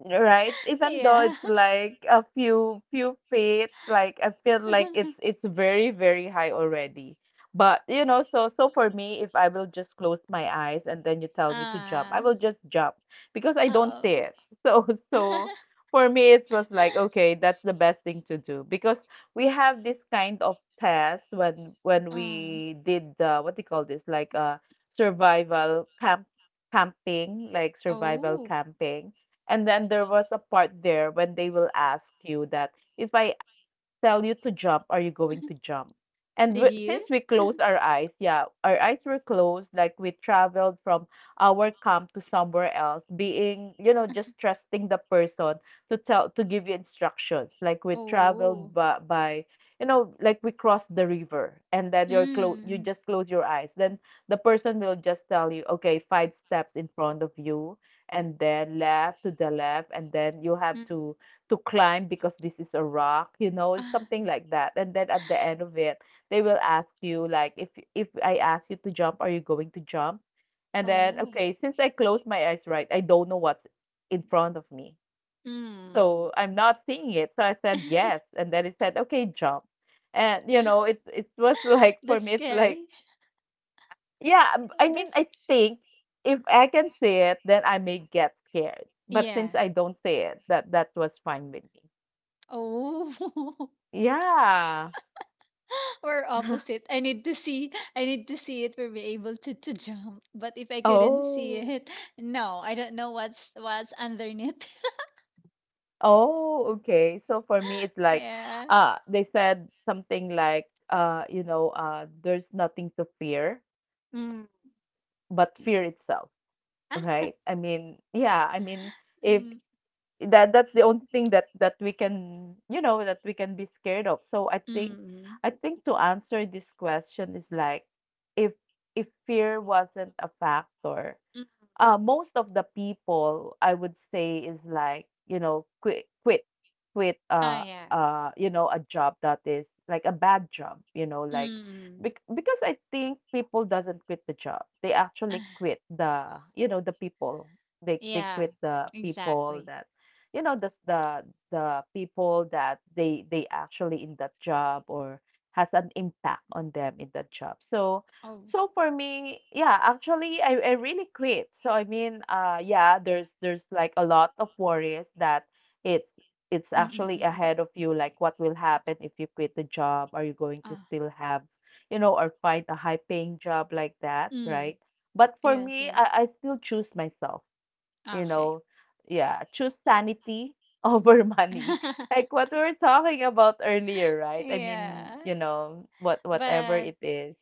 Speaker 1: Right, even though
Speaker 2: [laughs] yeah.
Speaker 1: it's like a few feet, like I feel like it's
Speaker 2: [laughs]
Speaker 1: it's very, very high already. But you know, so so for me, if I will just close my eyes and then you tell me to jump, I
Speaker 2: Ah.
Speaker 1: will just jump because I don't see
Speaker 2: Oh.
Speaker 1: it. [laughs] So
Speaker 2: [laughs]
Speaker 1: so for me, it was like, okay, that's the best thing to do because we have this kind of test when
Speaker 2: Mm.
Speaker 1: we did the, what do you call this, like a survival camp, camping like survival
Speaker 2: Oh.
Speaker 1: camping, and then there was a part there when they will ask you that if I tell you to jump, are you going to jump? And
Speaker 2: Did you?
Speaker 1: since we closed our eyes, yeah, our eyes were closed, like we traveled from our camp to somewhere else, being, you know, just trusting the person to tell, to give you instructions. Like we
Speaker 2: Oh.
Speaker 1: traveled by, you know, like we crossed the river and then you're close, you
Speaker 2: Mm.
Speaker 1: just close your eyes. Then the person will just tell you, okay, five steps in front of you and then left to the left and then you have
Speaker 2: Mm.
Speaker 1: to climb because this is a rock, you know,
Speaker 2: Ah.
Speaker 1: something like that. And then at the end of it, they will ask you like if, I ask you to jump, are you going to jump? And then
Speaker 2: Oh.
Speaker 1: okay, since I closed my eyes, right, I don't know what's in front of me.
Speaker 2: Mm.
Speaker 1: So I'm not seeing it. So I said yes.
Speaker 2: [laughs]
Speaker 1: And then it said, okay, jump. And you know, it, was [laughs] like for
Speaker 2: That's
Speaker 1: me it's like,
Speaker 2: scary.
Speaker 1: yeah, I mean
Speaker 2: That's
Speaker 1: I think if I can see it, then I may get scared. But
Speaker 2: yeah.
Speaker 1: since I don't see it, that was fine with me.
Speaker 2: Oh, [laughs]
Speaker 1: Yeah.
Speaker 2: we're opposite.
Speaker 1: [laughs]
Speaker 2: I need to see. I need to see it for be able to jump. But if I couldn't see
Speaker 1: Oh,
Speaker 2: it, no, I don't know what's underneath. [laughs]
Speaker 1: oh, okay. So for me, it's like,
Speaker 2: Yeah.
Speaker 1: they said something like, you know, there's nothing to fear
Speaker 2: Mm.
Speaker 1: but fear itself,
Speaker 2: [laughs] Ah.
Speaker 1: right? I mean, yeah, I mean, if
Speaker 2: Mm,
Speaker 1: that that's the only thing that we can, you know, that we can be scared of. So
Speaker 2: mm.
Speaker 1: I think to answer this question is like, if if fear wasn't a factor.
Speaker 2: Mm.
Speaker 1: Most of the people I would say is like, you know, quit quit quit
Speaker 2: Ah yeah.
Speaker 1: uh, you know, a job that is like a bad job, you know, like,
Speaker 2: Mm.
Speaker 1: because I think people doesn't quit the job. They actually
Speaker 2: Ah.
Speaker 1: quit the, you know, the people. They
Speaker 2: Yeah.
Speaker 1: quit the people
Speaker 2: Exactly.
Speaker 1: that you know, the people that they actually in that job or has
Speaker 2: Mm.
Speaker 1: an impact on them in that job. So
Speaker 2: Oh.
Speaker 1: so for me, yeah, actually I really quit. So I mean, uh, yeah, there's like a lot of worries that it's it's
Speaker 2: Mm, mm,
Speaker 1: actually
Speaker 2: mm. Mm.
Speaker 1: ahead of you, like what will happen if you quit the job? Are you going to
Speaker 2: Ah,
Speaker 1: still have, you know, or find a high paying job like that,
Speaker 2: mm.
Speaker 1: right? But for
Speaker 2: Yes,
Speaker 1: me,
Speaker 2: yes.
Speaker 1: I still choose myself,
Speaker 2: Ah,
Speaker 1: you
Speaker 2: okay.
Speaker 1: know. Yeah, choose sanity [laughs] over money. Like
Speaker 2: [laughs]
Speaker 1: what we were talking about earlier, right? I mean,
Speaker 2: Yeah.
Speaker 1: you know, what, whatever
Speaker 2: But
Speaker 1: it is.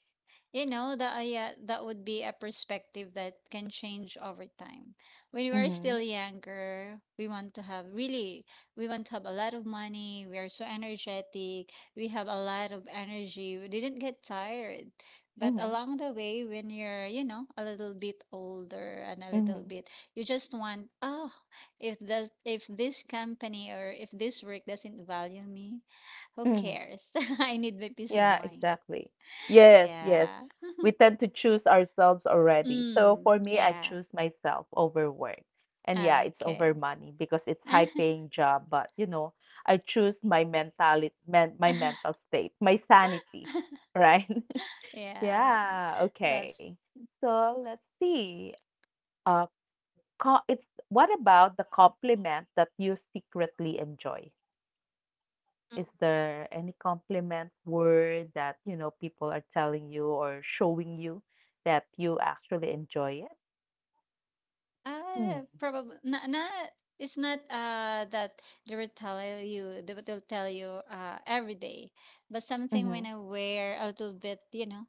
Speaker 2: you know, that yeah, that would be a perspective that can change over time. When we are
Speaker 1: Mm-hmm.
Speaker 2: still younger, we want to have a lot of money. We are so energetic. We have a lot of energy. We didn't get tired. But
Speaker 1: Mm-hmm.
Speaker 2: along the way, when you're, you know, a little bit older and a little
Speaker 1: Mhm,
Speaker 2: bit, you just want, oh, if this company or if this work doesn't value me, who
Speaker 1: mhm.
Speaker 2: cares? [laughs] I need my peace of
Speaker 1: Yeah,
Speaker 2: mind.
Speaker 1: exactly. Yes, yes.
Speaker 2: Yeah.
Speaker 1: We tend to choose ourselves already. So
Speaker 2: Mm,
Speaker 1: for me, I
Speaker 2: yeah.
Speaker 1: choose myself over work. And yeah, it's over
Speaker 2: Okay.
Speaker 1: money because it's high
Speaker 2: [laughs]
Speaker 1: paying job, but you know, I choose my mentality, my mental state, my sanity, right? [laughs]
Speaker 2: Yeah,
Speaker 1: Yeah,
Speaker 2: that's
Speaker 1: okay. So let's see. Uh, it's, what about the compliment that you secretly enjoy? Is there any compliment word that, you know, people are telling you or showing you that you actually enjoy it? Hmm.
Speaker 2: probably not it's not that they will tell you, every day, but something when
Speaker 1: Mhm.
Speaker 2: I wear a little bit, you know,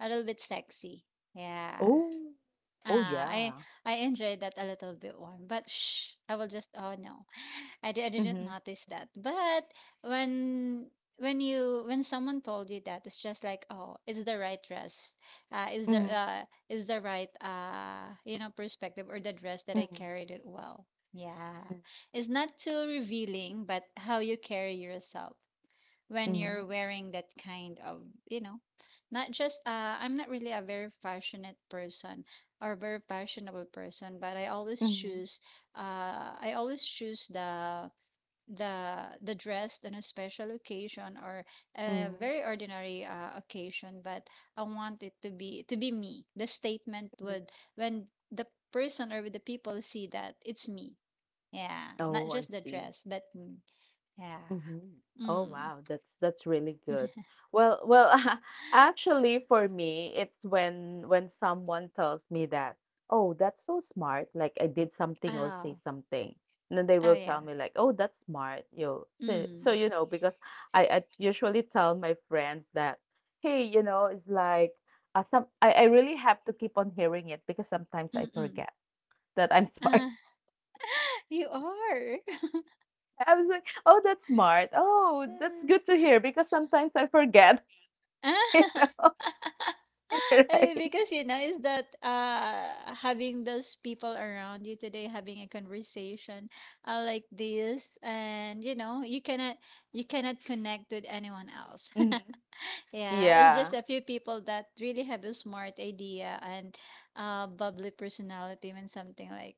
Speaker 2: a little bit sexy. Yeah.
Speaker 1: Oh. Oh,
Speaker 2: Ah,
Speaker 1: yeah.
Speaker 2: I enjoyed that a little bit one, but shh, I will just, oh no, [sighs] I, di- I didn't
Speaker 1: Mhm.
Speaker 2: notice that. But when when you when someone told you that, it's just like, oh, it's the right dress,
Speaker 1: Mhm.
Speaker 2: is the right you know, perspective, or the dress that I
Speaker 1: Mhm.
Speaker 2: carried it well. Yeah,
Speaker 1: Mhm.
Speaker 2: it's not too revealing, but how you carry yourself when
Speaker 1: Mhm.
Speaker 2: you're wearing that kind of, you know, not just I'm not really a very passionate person or very fashionable person, but I always
Speaker 1: Mhm.
Speaker 2: choose, uh I always choose the the dress on a special occasion or a very ordinary occasion, but I want it to be, to be me, the statement
Speaker 1: Mhm.
Speaker 2: would, when the person or the people see that it's me, yeah, not
Speaker 1: Oh, I
Speaker 2: just the
Speaker 1: see.
Speaker 2: dress but me. Yeah.
Speaker 1: Mhm. Oh
Speaker 2: Mm.
Speaker 1: wow, that's really good. Well, well, [laughs] actually for me, it's when someone tells me that, "Oh, that's so smart," like I did something or say
Speaker 2: Oh.
Speaker 1: something. And then they
Speaker 2: Oh,
Speaker 1: will tell
Speaker 2: yeah.
Speaker 1: me like, "Oh, that's smart." You so so
Speaker 2: Mm.
Speaker 1: you know because I usually tell my friends that, "Hey, you know, it's like some I really have to keep on hearing it because sometimes I
Speaker 2: Mm-mm.
Speaker 1: forget that I'm [laughs] smart."
Speaker 2: Uh, [laughs] you are.
Speaker 1: I was like, "Oh, that's smart. Oh, that's good
Speaker 2: [laughs]
Speaker 1: to hear because sometimes I forget."
Speaker 2: Ah.
Speaker 1: [laughs]
Speaker 2: [laughs] Eh,
Speaker 1: Right.
Speaker 2: because you know is that having those people around you today having a conversation like this and you know you cannot connect with anyone else. [laughs]
Speaker 1: Mhm.
Speaker 2: Yeah, it's just
Speaker 1: Yeah.
Speaker 2: a few people that really have a smart idea and bubbly personality when something like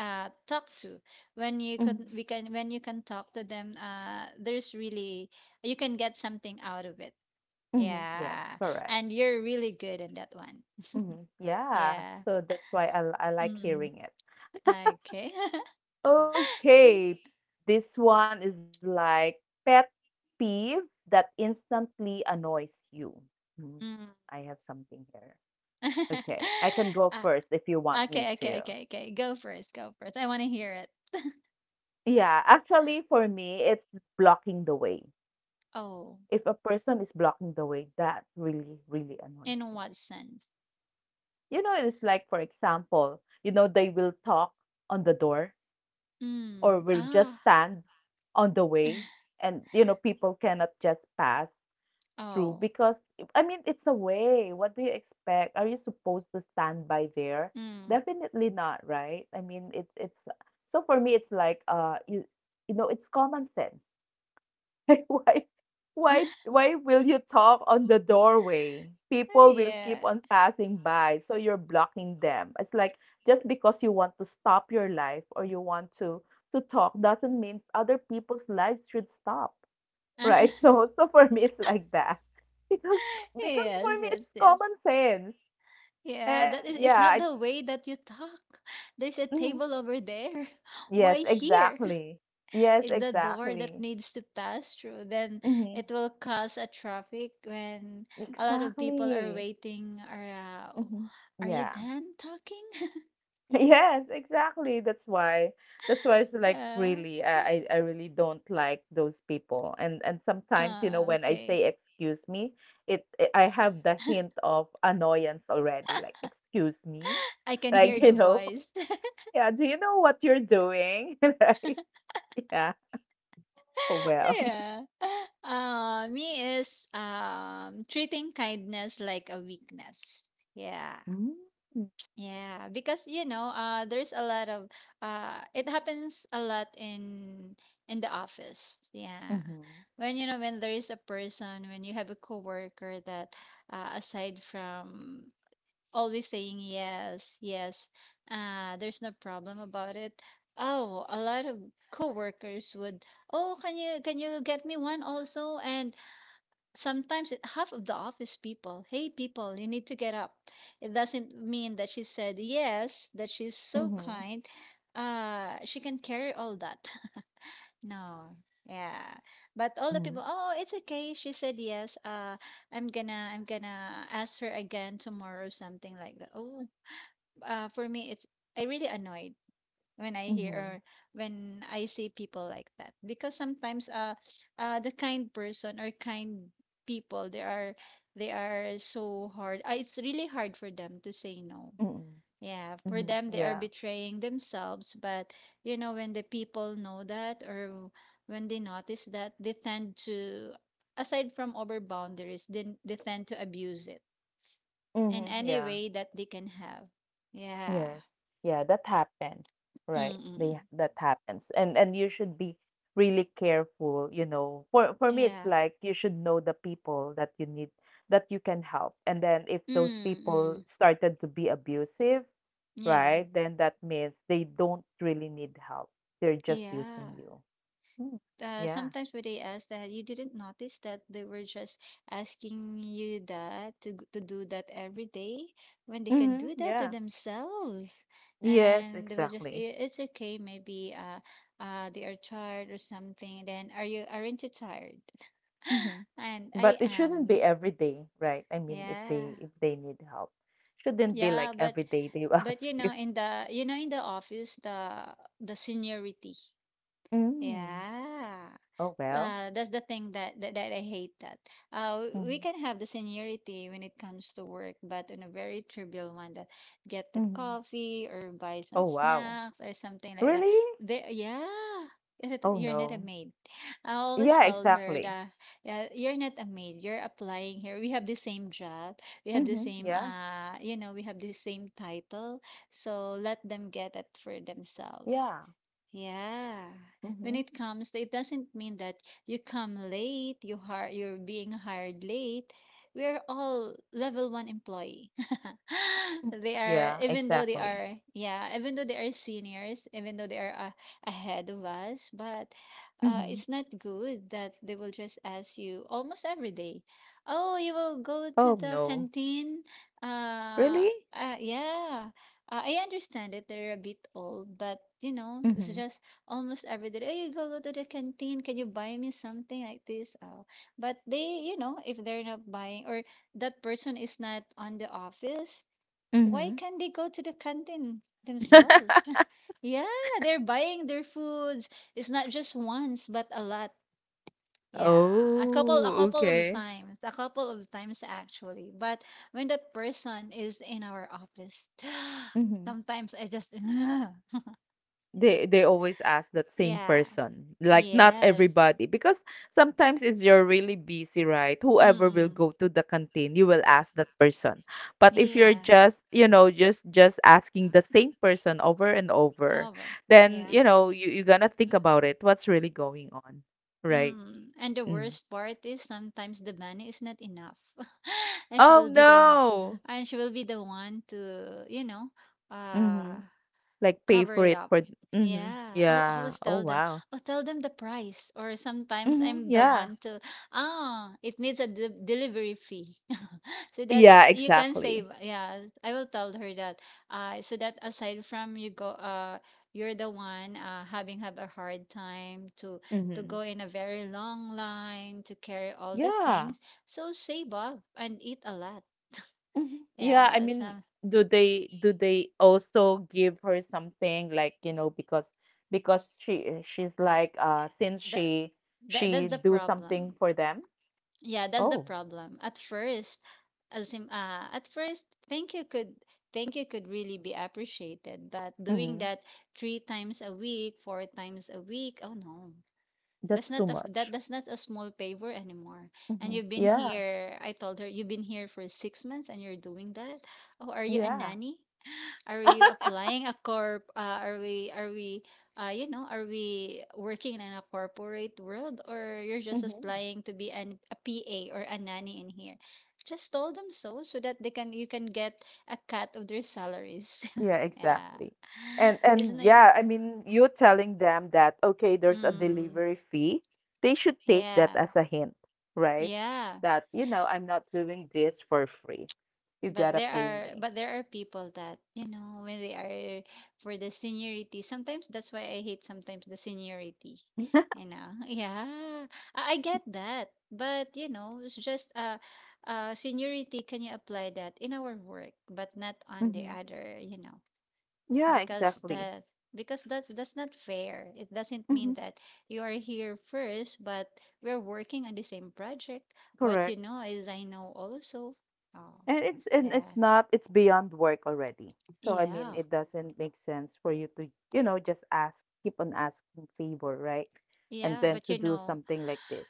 Speaker 2: talk to
Speaker 1: Mhm.
Speaker 2: when you can talk to them, there's really you can get something out of it.
Speaker 1: Mhm. Yes,
Speaker 2: Yeah,
Speaker 1: correct.
Speaker 2: and you're really good in that one.
Speaker 1: Mhm. Yeah,
Speaker 2: Yeah.
Speaker 1: so that's why I like
Speaker 2: mm,
Speaker 1: hearing it.
Speaker 2: okay. [laughs]
Speaker 1: Okay, this one is like pet peeve that instantly annoys you. Hmm,
Speaker 2: Mm.
Speaker 1: I have something here. Okay, I can
Speaker 2: [laughs]
Speaker 1: go
Speaker 2: uh,
Speaker 1: first if you want
Speaker 2: okay,
Speaker 1: me
Speaker 2: okay,
Speaker 1: to.
Speaker 2: okay, okay, go first, go first, I want to hear it.
Speaker 1: Yeah, actually for me, it's blocking the way.
Speaker 2: Oh.
Speaker 1: If a person is blocking the way, that really, really annoys
Speaker 2: In
Speaker 1: me.
Speaker 2: what sense?
Speaker 1: You know, it's like, for example, they will talk on the door or
Speaker 2: Mm.
Speaker 1: will just
Speaker 2: Ah.
Speaker 1: stand on the way.
Speaker 2: [laughs]
Speaker 1: And, people cannot just pass through
Speaker 2: Oh.
Speaker 1: because, I mean, it's a way. What do you expect? Are you supposed to stand by there?
Speaker 2: Mm.
Speaker 1: Definitely not, right? I mean, so for me, it's like, you know, it's common sense. [laughs] Why,
Speaker 2: [laughs]
Speaker 1: why will you talk on the doorway? People will
Speaker 2: Yeah.
Speaker 1: keep on passing by, so you're blocking them. It's like just because you want to stop your life or you want to talk doesn't mean other people's lives should stop, right? [laughs]
Speaker 2: [laughs]
Speaker 1: So for me, it's like that, [laughs] because because for
Speaker 2: Yes,
Speaker 1: me,
Speaker 2: yes,
Speaker 1: it's
Speaker 2: yes.
Speaker 1: common sense.
Speaker 2: Yeah,
Speaker 1: And
Speaker 2: that is it's
Speaker 1: yeah,
Speaker 2: not
Speaker 1: I,
Speaker 2: the way that you talk. There's a
Speaker 1: mhm.
Speaker 2: table over there. [laughs]
Speaker 1: Yes,
Speaker 2: Why here? [laughs]
Speaker 1: exactly. Yes,
Speaker 2: It's the door that
Speaker 1: exactly.
Speaker 2: needs to pass through. Then
Speaker 1: Hmm.
Speaker 2: it will cause a traffic when a lot of people are
Speaker 1: Exactly.
Speaker 2: waiting are around.
Speaker 1: Hmm.
Speaker 2: Are you
Speaker 1: Yeah.
Speaker 2: done talking? [laughs]
Speaker 1: Yes, exactly. That's why. That's why it's like
Speaker 2: Yeah.
Speaker 1: really, I really don't like those people. And sometimes, you know, when I
Speaker 2: Okay.
Speaker 1: say excuse me, it, I have the hint of annoyance already. Like, excuse me,
Speaker 2: I can hear
Speaker 1: like, [laughs]
Speaker 2: the
Speaker 1: you know,
Speaker 2: voice.
Speaker 1: yeah. Do you know what you're doing? [laughs] Right? Yeah. Oh
Speaker 2: [laughs]
Speaker 1: well.
Speaker 2: Yeah. Me is treating kindness like a weakness. Yeah.
Speaker 1: Mm-hmm.
Speaker 2: Yeah, because you know, there's a lot of it happens a lot in the office. Yeah,
Speaker 1: Mm-hmm.
Speaker 2: when you know when there is a person, when you have a coworker that aside from always saying yes, yes, there's no problem about it. Oh, a lot of coworkers would, oh, can you get me one also? And sometimes it, half of the office people, hey people, you need to get up. It doesn't mean that she said yes, that she's so
Speaker 1: Mm-hmm.
Speaker 2: kind. She can carry all that. [laughs] No. Yeah. But all the
Speaker 1: Mm-hmm.
Speaker 2: people, oh, it's okay. She said yes. I'm gonna ask her again tomorrow or something like that. Oh, for me it's I really annoyed when I hear or when I see people like that. Because sometimes the kind person or kind people they are so hard. It's really hard for them to say no.
Speaker 1: Mm-hmm.
Speaker 2: Yeah, for
Speaker 1: Mm-hmm.
Speaker 2: them they are
Speaker 1: Yeah.
Speaker 2: betraying themselves, but you know when the people know that or when they notice that they tend to aside from over boundaries, then they tend to abuse it in
Speaker 1: Mm-hmm.
Speaker 2: any
Speaker 1: Yeah.
Speaker 2: way that they can have. Yeah.
Speaker 1: Yes. Yeah, that happens. Right.
Speaker 2: Mm-mm.
Speaker 1: They, that happens. And you should be really careful, you know. For me it's
Speaker 2: Yeah.
Speaker 1: like you should know the people that you need that you can help. And then if those people
Speaker 2: Mm-mm.
Speaker 1: started to be abusive,
Speaker 2: Yeah,
Speaker 1: right? Then that means they don't really need help. They're just using
Speaker 2: yeah.
Speaker 1: you. Mm. Yeah.
Speaker 2: Sometimes when they ask that, you didn't notice that they were just asking you that to do that every day when they can
Speaker 1: Hmm.
Speaker 2: do that to
Speaker 1: Yeah.
Speaker 2: themselves,
Speaker 1: Yes,
Speaker 2: and they will just,
Speaker 1: exactly.
Speaker 2: It's okay, maybe they are tired or something. Then aren't you tired?"
Speaker 1: Hmm.
Speaker 2: [laughs] And
Speaker 1: But
Speaker 2: I
Speaker 1: it shouldn't be
Speaker 2: am.
Speaker 1: every day, right? I mean, if they
Speaker 2: Yeah.
Speaker 1: if they need help, shouldn't be
Speaker 2: Yeah,
Speaker 1: like every
Speaker 2: but
Speaker 1: day they will [laughs]
Speaker 2: but
Speaker 1: ask
Speaker 2: you
Speaker 1: you.
Speaker 2: know in the you know in the office, the seniority.
Speaker 1: Mm.
Speaker 2: Yeah.
Speaker 1: Oh well.
Speaker 2: That's the thing that I hate that. We
Speaker 1: Mhm.
Speaker 2: can have the seniority when it comes to work, but in a very trivial one that get the
Speaker 1: Mhm.
Speaker 2: coffee or buy
Speaker 1: Oh
Speaker 2: some
Speaker 1: wow.
Speaker 2: snacks or something like that.
Speaker 1: Really?
Speaker 2: They, yeah,
Speaker 1: Oh
Speaker 2: you're not a
Speaker 1: no.
Speaker 2: maid. [laughs] I always
Speaker 1: Yeah,
Speaker 2: told her
Speaker 1: exactly.
Speaker 2: that, yeah, you're not a maid. You're applying here. We have the same job.
Speaker 1: Mhm. Yeah.
Speaker 2: We have the same title. So let them get it for themselves.
Speaker 1: Yeah.
Speaker 2: Yeah. When
Speaker 1: Mhm.
Speaker 2: it comes to, it doesn't mean that you come late, you're being hired late. We're all level one employee.
Speaker 1: Mm.
Speaker 2: [laughs] They
Speaker 1: Yeah,
Speaker 2: are, even though
Speaker 1: exactly.
Speaker 2: they are, yeah, even though they are seniors, even though they are ahead of us, but
Speaker 1: Mm-hmm.
Speaker 2: it's not good that they will just ask you almost every day, oh, you will go
Speaker 1: Oh
Speaker 2: to the
Speaker 1: no.
Speaker 2: canteen?
Speaker 1: Really?
Speaker 2: Uh, yeah. I understand it. They're a bit old, but you know,
Speaker 1: Mm-hmm.
Speaker 2: it's just almost every day. Hey, go, go to the canteen. Can you buy me something like this? But they, you know, if they're not buying or that person is not on the office, why
Speaker 1: Mm-hmm.
Speaker 2: can't they go to the canteen themselves? [laughs]
Speaker 1: [laughs]
Speaker 2: Yeah, they're buying their foods. It's not just once, but a lot. Yeah,
Speaker 1: Oh,
Speaker 2: a couple of
Speaker 1: okay.
Speaker 2: times, a couple of times actually. But when that person is in our office, [gasps]
Speaker 1: Mm-hmm.
Speaker 2: sometimes I just [sighs]
Speaker 1: They always ask that same
Speaker 2: yeah.
Speaker 1: person, like not
Speaker 2: Yes.
Speaker 1: everybody, because sometimes it's, you're really busy, right? Whoever will
Speaker 2: Mm-mm.
Speaker 1: go to the canteen, you will ask that person. But if you're
Speaker 2: Yeah.
Speaker 1: just, you know, just asking the same person over and over,
Speaker 2: Over.
Speaker 1: then
Speaker 2: Yeah.
Speaker 1: you know you're gonna think about it. What's really going on, right?
Speaker 2: Mm. And the
Speaker 1: Mm.
Speaker 2: worst part is sometimes the money is not enough. [laughs] and she
Speaker 1: Oh
Speaker 2: will be the
Speaker 1: no.
Speaker 2: and she will be the one to, you know,
Speaker 1: Mm-hmm.
Speaker 2: uh
Speaker 1: Like pay
Speaker 2: cover
Speaker 1: for
Speaker 2: it
Speaker 1: it
Speaker 2: up.
Speaker 1: for. Mm-hmm.
Speaker 2: Yeah. I'll
Speaker 1: Yeah.
Speaker 2: always
Speaker 1: Oh
Speaker 2: tell them.
Speaker 1: wow.
Speaker 2: I'll tell them the price. Or sometimes
Speaker 1: Mm-hmm.
Speaker 2: I'm the
Speaker 1: Yeah.
Speaker 2: one to, ah, it needs a delivery fee. [laughs] So that
Speaker 1: Yeah.
Speaker 2: you can save.
Speaker 1: Exactly.
Speaker 2: Yeah. I will tell her that. So that aside from you go, you're the one having had a hard time to
Speaker 1: Mm-hmm.
Speaker 2: go in a very long line to carry all the
Speaker 1: Yeah.
Speaker 2: things. So save up and eat a lot.
Speaker 1: Mhm. Yeah, I
Speaker 2: Yeah,
Speaker 1: mean,
Speaker 2: some
Speaker 1: do they also give her something like, you know, because she, eh, she's like, uh, since
Speaker 2: that, that
Speaker 1: she
Speaker 2: that's the
Speaker 1: do something
Speaker 2: problem.
Speaker 1: for them?
Speaker 2: Yeah, that's the
Speaker 1: Oh,
Speaker 2: problem. At first, thank you could thank you could really be appreciated, but doing
Speaker 1: mm-hmm.
Speaker 2: that three times a week, four times a week, oh no,
Speaker 1: That's too much.
Speaker 2: that's not a small favor anymore. And
Speaker 1: Mm-hmm.
Speaker 2: you've been
Speaker 1: Yeah.
Speaker 2: here. I told her you've been here for 6 months, and you're doing that. Oh, are you a
Speaker 1: Yeah.
Speaker 2: nanny? Are we applying a corp? Are we working in a corporate world or you're just
Speaker 1: Mm-hmm.
Speaker 2: applying to be a PA or a nanny in here? Just tell them so that they can you can get a cut of their salaries.
Speaker 1: Yeah,
Speaker 2: [laughs] Yeah,
Speaker 1: exactly. And
Speaker 2: isn't
Speaker 1: and
Speaker 2: it?
Speaker 1: yeah, I mean, you telling them that okay, there's a
Speaker 2: Mm,
Speaker 1: delivery fee. They should take that
Speaker 2: yeah,
Speaker 1: as a hint, right?
Speaker 2: yeah.
Speaker 1: That, you know, I'm not doing this for free, you gotta pay me.
Speaker 2: But there are people that, you know, when they are for the seniority, sometimes that's why I hate sometimes the seniority. You know. [laughs] Yeah. I get that. But you know, it's just seniority can you apply that in our work, but not on the
Speaker 1: Mhm.
Speaker 2: other, you know,
Speaker 1: Yeah,
Speaker 2: because
Speaker 1: exactly.
Speaker 2: that's because that's not fair. It doesn't mean
Speaker 1: Hmm.
Speaker 2: that you are here first, but we're working on the same project. What you
Speaker 1: Correct.
Speaker 2: know is I know also. Oh.
Speaker 1: And it's and
Speaker 2: Yeah.
Speaker 1: it's not, it's beyond work already. So I mean,
Speaker 2: Yeah.
Speaker 1: it doesn't make sense for you to, you know, just ask, keep on asking favor, right? And
Speaker 2: Yeah,
Speaker 1: then to do something like this.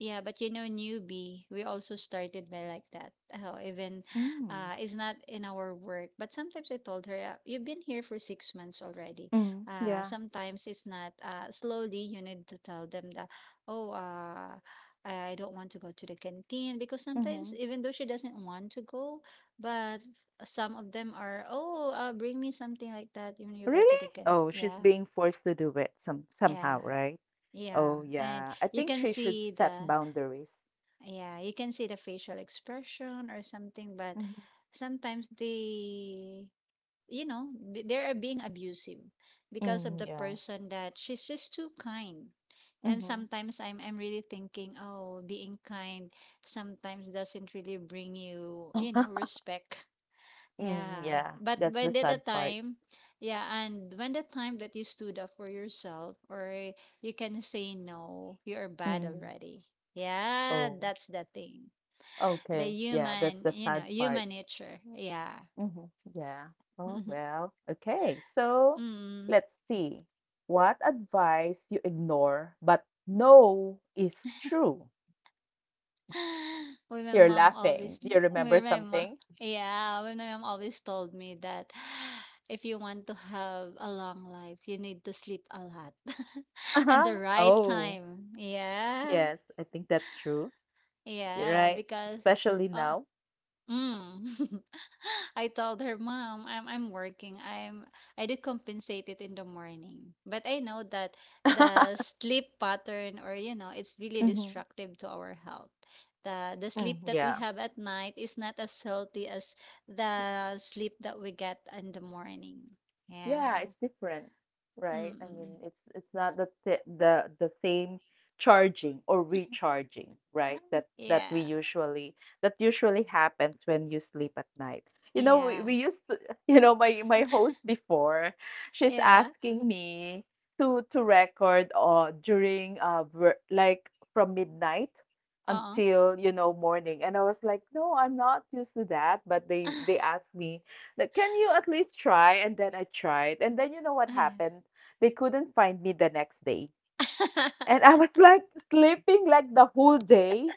Speaker 2: but you know, newbie, we also started by like that. Oh, even [sighs]
Speaker 1: Mm.
Speaker 2: it's not in our work. But sometimes I told her, you've been here for 6 months already.
Speaker 1: Mm. Yeah.
Speaker 2: Sometimes it's not slowly you need to tell them that, oh, I don't want to go to the canteen because sometimes
Speaker 1: Mm-hmm.
Speaker 2: even though she doesn't want to go, but some of them are, oh, bring me something like that when you go to
Speaker 1: Really?
Speaker 2: the canteen.
Speaker 1: Oh, she's
Speaker 2: Yeah,
Speaker 1: being forced to do it some
Speaker 2: yeah.
Speaker 1: somehow, right?
Speaker 2: Yeah,
Speaker 1: Oh,
Speaker 2: and
Speaker 1: yeah. I
Speaker 2: you
Speaker 1: think
Speaker 2: can
Speaker 1: she should
Speaker 2: see
Speaker 1: set
Speaker 2: the
Speaker 1: boundaries.
Speaker 2: yeah, you can see the facial expression or something, but
Speaker 1: Hmm.
Speaker 2: sometimes they, you know, they are being abusive because of
Speaker 1: Mm,
Speaker 2: the
Speaker 1: yeah.
Speaker 2: person that she's just too kind. And
Speaker 1: Mm-hmm.
Speaker 2: sometimes I'm really thinking, oh, being kind sometimes doesn't really bring you, you know,
Speaker 1: [laughs]
Speaker 2: respect.
Speaker 1: Mm,
Speaker 2: Yeah,
Speaker 1: yeah.
Speaker 2: but
Speaker 1: That's
Speaker 2: when
Speaker 1: the
Speaker 2: did the
Speaker 1: sad part.
Speaker 2: time, yeah, and when the time that you stood up for yourself or you can say no, you are bad
Speaker 1: Mm.
Speaker 2: already. Yeah,
Speaker 1: Oh,
Speaker 2: that's the thing. The
Speaker 1: okay. Yeah, that's
Speaker 2: human,
Speaker 1: the
Speaker 2: you know,
Speaker 1: sad part.
Speaker 2: human nature. Yeah.
Speaker 1: Hmm. Yeah. Oh,
Speaker 2: [laughs]
Speaker 1: well. Okay. So
Speaker 2: Mm.
Speaker 1: let's see. What advice you ignore but know is true?
Speaker 2: [sighs] Well, [gasps] my
Speaker 1: You're
Speaker 2: mom always,
Speaker 1: laughing. Do you remember
Speaker 2: well, my mom,
Speaker 1: something?
Speaker 2: yeah, well, my mom always told me that [sighs] if you want to have a long life, you need to sleep a lot [laughs] and
Speaker 1: Uh-huh.
Speaker 2: the right
Speaker 1: Oh,
Speaker 2: time. Yeah.
Speaker 1: yes. I think that's true. You're
Speaker 2: Yeah,
Speaker 1: right.
Speaker 2: because
Speaker 1: Especially
Speaker 2: uh,
Speaker 1: now.
Speaker 2: mm, [laughs] I told her, "Mom, I'm working. I do compensate it in the morning, but I know that
Speaker 1: [laughs]
Speaker 2: the sleep pattern, or you know, it's really
Speaker 1: Mm-hmm.
Speaker 2: destructive to our health. The
Speaker 1: Mm,
Speaker 2: sleep that we
Speaker 1: yeah.
Speaker 2: have at night is not as healthy as the sleep that we get in the morning.
Speaker 1: Yeah,
Speaker 2: Yeah,
Speaker 1: it's different, right?
Speaker 2: mm,
Speaker 1: I mean,
Speaker 2: mm.
Speaker 1: it's not the the same charging or recharging, right?
Speaker 2: [sighs]
Speaker 1: That
Speaker 2: [laughs]
Speaker 1: that we
Speaker 2: yeah,
Speaker 1: usually, that usually happens when you sleep at night. You know, we,
Speaker 2: yeah,
Speaker 1: we used to, [laughs] you know, my host before, she's
Speaker 2: yeah.
Speaker 1: asking me to record during like from midnight
Speaker 2: Uh-uh.
Speaker 1: until, you know, morning. And I was like, "No, I'm not used to that." But they
Speaker 2: [laughs]
Speaker 1: they asked me like, can you at least try? And then I tried. And then you know what
Speaker 2: Yeah.
Speaker 1: happened? They couldn't find me the next day. And I was like sleeping like the whole day.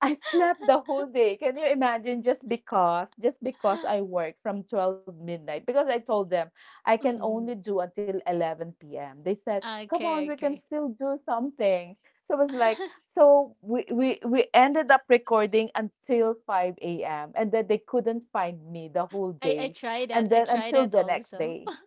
Speaker 1: I slept the whole day. Can you imagine, just because
Speaker 2: [laughs]
Speaker 1: I work from 12 midnight because I told them I can
Speaker 2: Mm.
Speaker 1: only do until 11 p.m. They said, "Come on,
Speaker 2: Okay,
Speaker 1: we can
Speaker 2: okay.
Speaker 1: still do something." So I was like,
Speaker 2: [laughs]
Speaker 1: so we ended up recording until 5 a.m. and then they couldn't find me the whole
Speaker 2: I
Speaker 1: day
Speaker 2: tried that.
Speaker 1: and
Speaker 2: I
Speaker 1: then
Speaker 2: tried
Speaker 1: until
Speaker 2: that
Speaker 1: the next
Speaker 2: also.
Speaker 1: day. [laughs]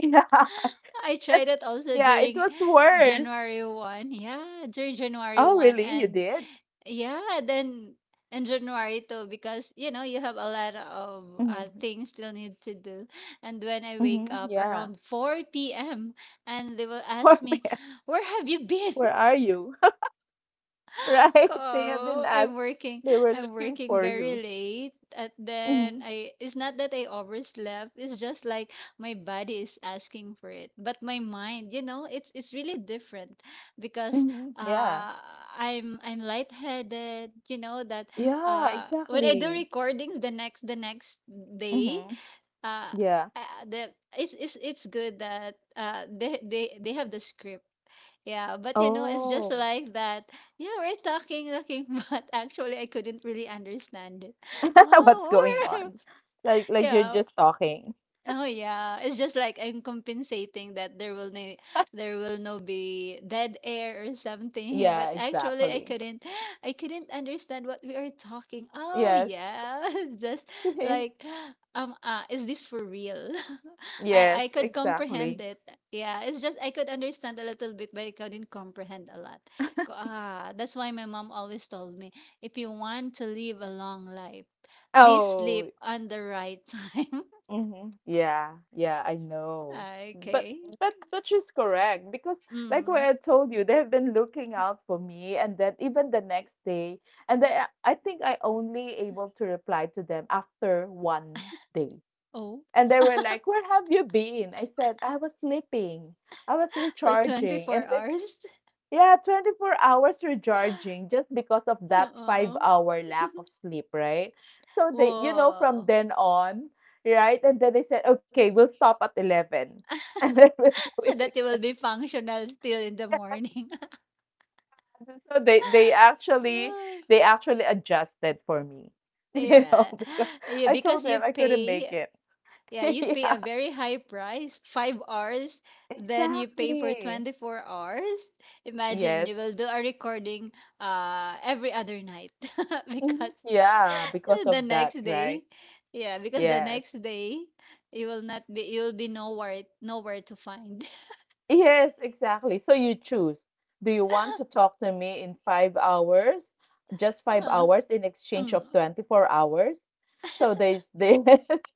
Speaker 1: Yeah.
Speaker 2: [laughs] I tried that also
Speaker 1: Yeah, it
Speaker 2: during
Speaker 1: was worse.
Speaker 2: January 1. Yeah, during January
Speaker 1: Oh,
Speaker 2: 1
Speaker 1: really? You
Speaker 2: and
Speaker 1: did?
Speaker 2: yeah, then in January 2 because you know, you have a lot of
Speaker 1: Mhm.
Speaker 2: things still need to do. And when I wake
Speaker 1: Mhm.
Speaker 2: up
Speaker 1: Yeah.
Speaker 2: around 4 p.m. and they will
Speaker 1: [laughs] Where
Speaker 2: ask me, "Where have you been?"
Speaker 1: where are you?
Speaker 2: [laughs]
Speaker 1: Right? [laughs] They have been
Speaker 2: Oh,
Speaker 1: asked.
Speaker 2: I'm working.
Speaker 1: They were
Speaker 2: I'm
Speaker 1: looking
Speaker 2: working
Speaker 1: for
Speaker 2: very
Speaker 1: you.
Speaker 2: late, and then
Speaker 1: Mm-hmm.
Speaker 2: I. it's not that I overslept. It's just like my body is asking for it, but my mind, you know, it's really different because
Speaker 1: Mm-hmm. Yeah.
Speaker 2: uh, I'm lightheaded. You know that
Speaker 1: Yeah,
Speaker 2: when I do
Speaker 1: exactly.
Speaker 2: recordings the next day,
Speaker 1: Mm-hmm.
Speaker 2: uh,
Speaker 1: Yeah.
Speaker 2: the it's good that they have the script. Yeah, but you know, it's just
Speaker 1: Oh.
Speaker 2: like that. Yeah, we're talking, looking, [laughs] but actually, I couldn't really understand it. [laughs]
Speaker 1: [laughs] What's
Speaker 2: Wow.
Speaker 1: going on? Like
Speaker 2: [laughs]
Speaker 1: like you're
Speaker 2: Yeah,
Speaker 1: just talking.
Speaker 2: oh yeah, it's just like I'm compensating that there will no be dead air or something. [laughs]
Speaker 1: Yeah,
Speaker 2: But actually,
Speaker 1: exactly.
Speaker 2: I couldn't understand what we are talking. Oh
Speaker 1: Yes.
Speaker 2: yeah, [laughs] just like,
Speaker 1: [laughs]
Speaker 2: is this for real? [laughs] I
Speaker 1: Yes,
Speaker 2: I could comprehend
Speaker 1: exactly.
Speaker 2: it. Yeah, it's just I could understand a little bit, but I couldn't comprehend a lot. Ah, that's why my mom always told me, if you want to live a long life, please sleep
Speaker 1: Oh,
Speaker 2: on the right [laughs] time.
Speaker 1: mm-hmm. Yeah, yeah, I know.
Speaker 2: Ah,
Speaker 1: But
Speaker 2: okay.
Speaker 1: but she's correct because like what
Speaker 2: Mm.
Speaker 1: I told you, they've been looking out for me and then even the next day and they, I think I only able to reply to them after 1 day.
Speaker 2: Oh,
Speaker 1: And they were
Speaker 2: [laughs]
Speaker 1: like, "Where have you been?" I said, "I was sleeping. I was
Speaker 2: for
Speaker 1: recharging." And
Speaker 2: 24 hours?
Speaker 1: yeah, 24 hours
Speaker 2: [laughs]
Speaker 1: recharging just because of that five
Speaker 2: Oh.
Speaker 1: hour lack of
Speaker 2: [laughs]
Speaker 1: sleep, right? So they, you know, from
Speaker 2: Whoa.
Speaker 1: then on, right? And then they said, okay, we'll stop at 11 [laughs] and then we'll do
Speaker 2: So
Speaker 1: it
Speaker 2: that you will
Speaker 1: again. [laughs]
Speaker 2: be functional still in the morning. [laughs]
Speaker 1: So they, they actually,
Speaker 2: Ah,
Speaker 1: they actually adjusted for me, [laughs] you know,
Speaker 2: yeah.
Speaker 1: because
Speaker 2: [gasps] [sighs] Yeah,
Speaker 1: I
Speaker 2: because
Speaker 1: told
Speaker 2: you
Speaker 1: them I couldn't
Speaker 2: pay,
Speaker 1: make it.
Speaker 2: yeah,
Speaker 1: [laughs]
Speaker 2: you pay a
Speaker 1: Yeah,
Speaker 2: very high price, 5 hours, then you pay for
Speaker 1: exactly.
Speaker 2: 24 hours. Imagine
Speaker 1: Yes.
Speaker 2: you will do a recording every other night [laughs] because
Speaker 1: Mhm. Yeah, because
Speaker 2: [laughs] the
Speaker 1: of that,
Speaker 2: next day,
Speaker 1: right?
Speaker 2: yeah, because the
Speaker 1: Yes.
Speaker 2: next day you will not be, you will be nowhere to find.
Speaker 1: Yes, exactly. So you choose. Do you want to
Speaker 2: [laughs]
Speaker 1: talk to me in 5 hours? Just five
Speaker 2: uh,
Speaker 1: hours in exchange of
Speaker 2: mm,
Speaker 1: 24 hours? So they [laughs]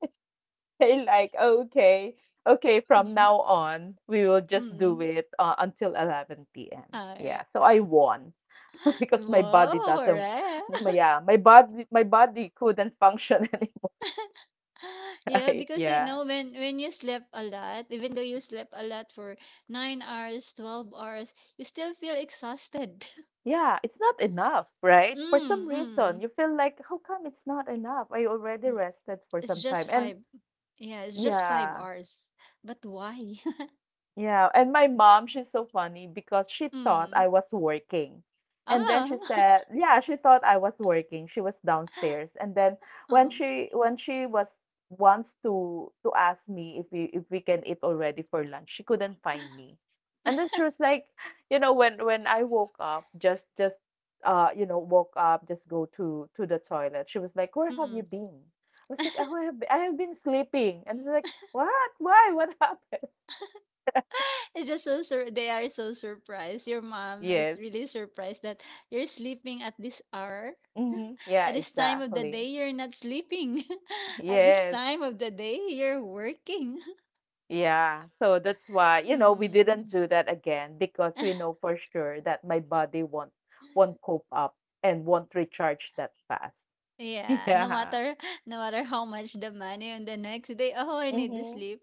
Speaker 1: they like, okay, okay, from
Speaker 2: mm,
Speaker 1: now on, we will just do
Speaker 2: mm,
Speaker 1: it until 11 p.m.
Speaker 2: uh,
Speaker 1: Yeah, so I won [laughs] because my
Speaker 2: Whoa,
Speaker 1: body doesn't,
Speaker 2: hooray.
Speaker 1: yeah, my body my body couldn't function [laughs] anymore,
Speaker 2: [laughs] Yeah,
Speaker 1: right?
Speaker 2: because you
Speaker 1: Yeah.
Speaker 2: know, when you sleep a lot, even though you sleep a lot for 9 hours, 12 hours, you still feel exhausted.
Speaker 1: Yeah, it's not enough,
Speaker 2: [laughs]
Speaker 1: right? For some
Speaker 2: mm, mm,
Speaker 1: reason, you feel like, how come it's not enough? I already
Speaker 2: mm.
Speaker 1: rested for
Speaker 2: It's
Speaker 1: some
Speaker 2: just
Speaker 1: time. And
Speaker 2: five, yeah, it's just five
Speaker 1: yeah,
Speaker 2: hours but why?
Speaker 1: yeah, and my mom, she's so funny because she
Speaker 2: [laughs]
Speaker 1: thought
Speaker 2: Mm.
Speaker 1: I was working. And then
Speaker 2: Ah.
Speaker 1: she
Speaker 2: [laughs]
Speaker 1: said, yeah, she thought I was working. She was downstairs. And then
Speaker 2: Oh.
Speaker 1: when she was wants to ask me if we can eat already for lunch, she couldn't find me. And then she was like, you know, when I woke up, woke up, just go to the toilet. She was like, where have you
Speaker 2: Mm.
Speaker 1: been? I was like, oh, I have been sleeping. And she's like, what? Why? What [laughs] happened?
Speaker 2: [laughs] It's just so they are so surprised. Your mom is
Speaker 1: Yes.
Speaker 2: really surprised that you're sleeping at this hour.
Speaker 1: Mhm.
Speaker 2: [laughs]
Speaker 1: Yeah,
Speaker 2: At this time of the day,
Speaker 1: exactly.
Speaker 2: you're not sleeping. [laughs] At this
Speaker 1: Yes.
Speaker 2: time of the day, you're working. [laughs]
Speaker 1: Yeah. So that's why, you know, we didn't
Speaker 2: Mm.
Speaker 1: do that again because we know for sure that my body won't cope up and won't recharge that fast. [laughs]
Speaker 2: Yeah, no
Speaker 1: Yeah.
Speaker 2: matter, no matter how much the money on the next day, [laughs] oh, I need to
Speaker 1: Mm-hmm.
Speaker 2: sleep.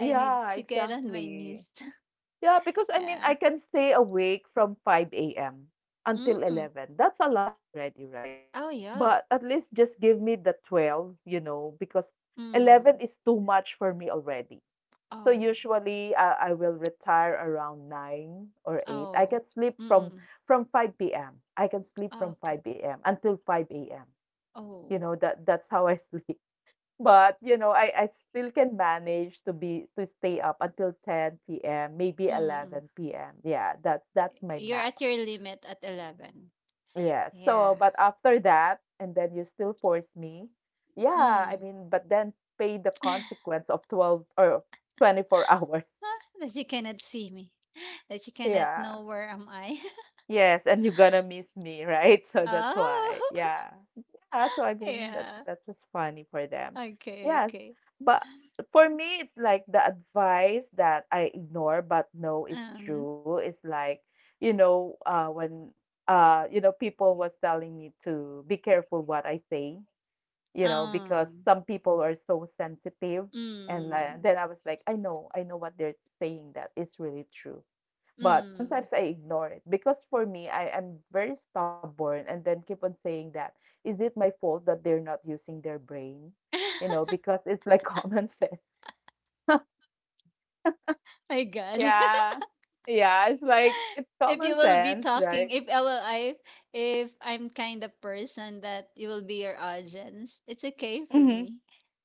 Speaker 2: I need
Speaker 1: Yeah,
Speaker 2: to get on my knees.
Speaker 1: exactly.
Speaker 2: [laughs]
Speaker 1: Yeah, because I mean,
Speaker 2: Yeah.
Speaker 1: I can stay awake from 5 a.m. until
Speaker 2: Mm.
Speaker 1: 11. That's a lot already, right?
Speaker 2: Oh yeah.
Speaker 1: But at least just give me the 12, you know, because 11
Speaker 2: Mm.
Speaker 1: is too much for me already. So
Speaker 2: Oh.
Speaker 1: usually I will retire around 9 or 8. I
Speaker 2: Oh.
Speaker 1: can sleep from
Speaker 2: Mm.
Speaker 1: from 5 p.m. I can sleep from
Speaker 2: Okay.
Speaker 1: 5 p.m. until 5 a.m.
Speaker 2: Oh.
Speaker 1: You know that that's how I sleep. [laughs] But you know I still can manage to stay up until 10 p.m. maybe
Speaker 2: Mm.
Speaker 1: 11 p.m. Yeah, that's my
Speaker 2: You're
Speaker 1: max.
Speaker 2: at your limit at 11.
Speaker 1: Yeah. So
Speaker 2: Yeah.
Speaker 1: but after that and then you still force me. Yeah, I
Speaker 2: Mm.
Speaker 1: mean but then pay the consequence of 12 or 24 hours. [laughs]
Speaker 2: Huh? That you cannot see me. [gasps] [laughs] That you cannot
Speaker 1: Yeah.
Speaker 2: know where am I.
Speaker 1: Yes, and you're gonna miss me, right? [laughs] So
Speaker 2: [laughs]
Speaker 1: that's why.
Speaker 2: Oh.
Speaker 1: Yeah. Yeah, so I
Speaker 2: [laughs]
Speaker 1: mean that
Speaker 2: Yeah.
Speaker 1: that was funny for them.
Speaker 2: Okay,
Speaker 1: Yes.
Speaker 2: okay.
Speaker 1: But for me it's like the advice that I ignore but know is
Speaker 2: Um,
Speaker 1: true is like, you know, when you know people was telling me to be careful what I say, you know, because
Speaker 2: um,
Speaker 1: some people are so sensitive and like,
Speaker 2: mm,
Speaker 1: then I was like, I know what they're saying that is really true but
Speaker 2: mm.
Speaker 1: sometimes I ignore it because for me, I am very stubborn and then keep on saying that, is it my fault that they're not using their brain? You know,
Speaker 2: [laughs]
Speaker 1: because it's like [laughs] common sense.
Speaker 2: My God. [laughs]
Speaker 1: Yeah. Yeah, it's like it's
Speaker 2: If you
Speaker 1: common
Speaker 2: will be
Speaker 1: sense,
Speaker 2: talking,
Speaker 1: right?
Speaker 2: if I'm kind of person that you will be your audience, it's okay for
Speaker 1: Hmm.
Speaker 2: me.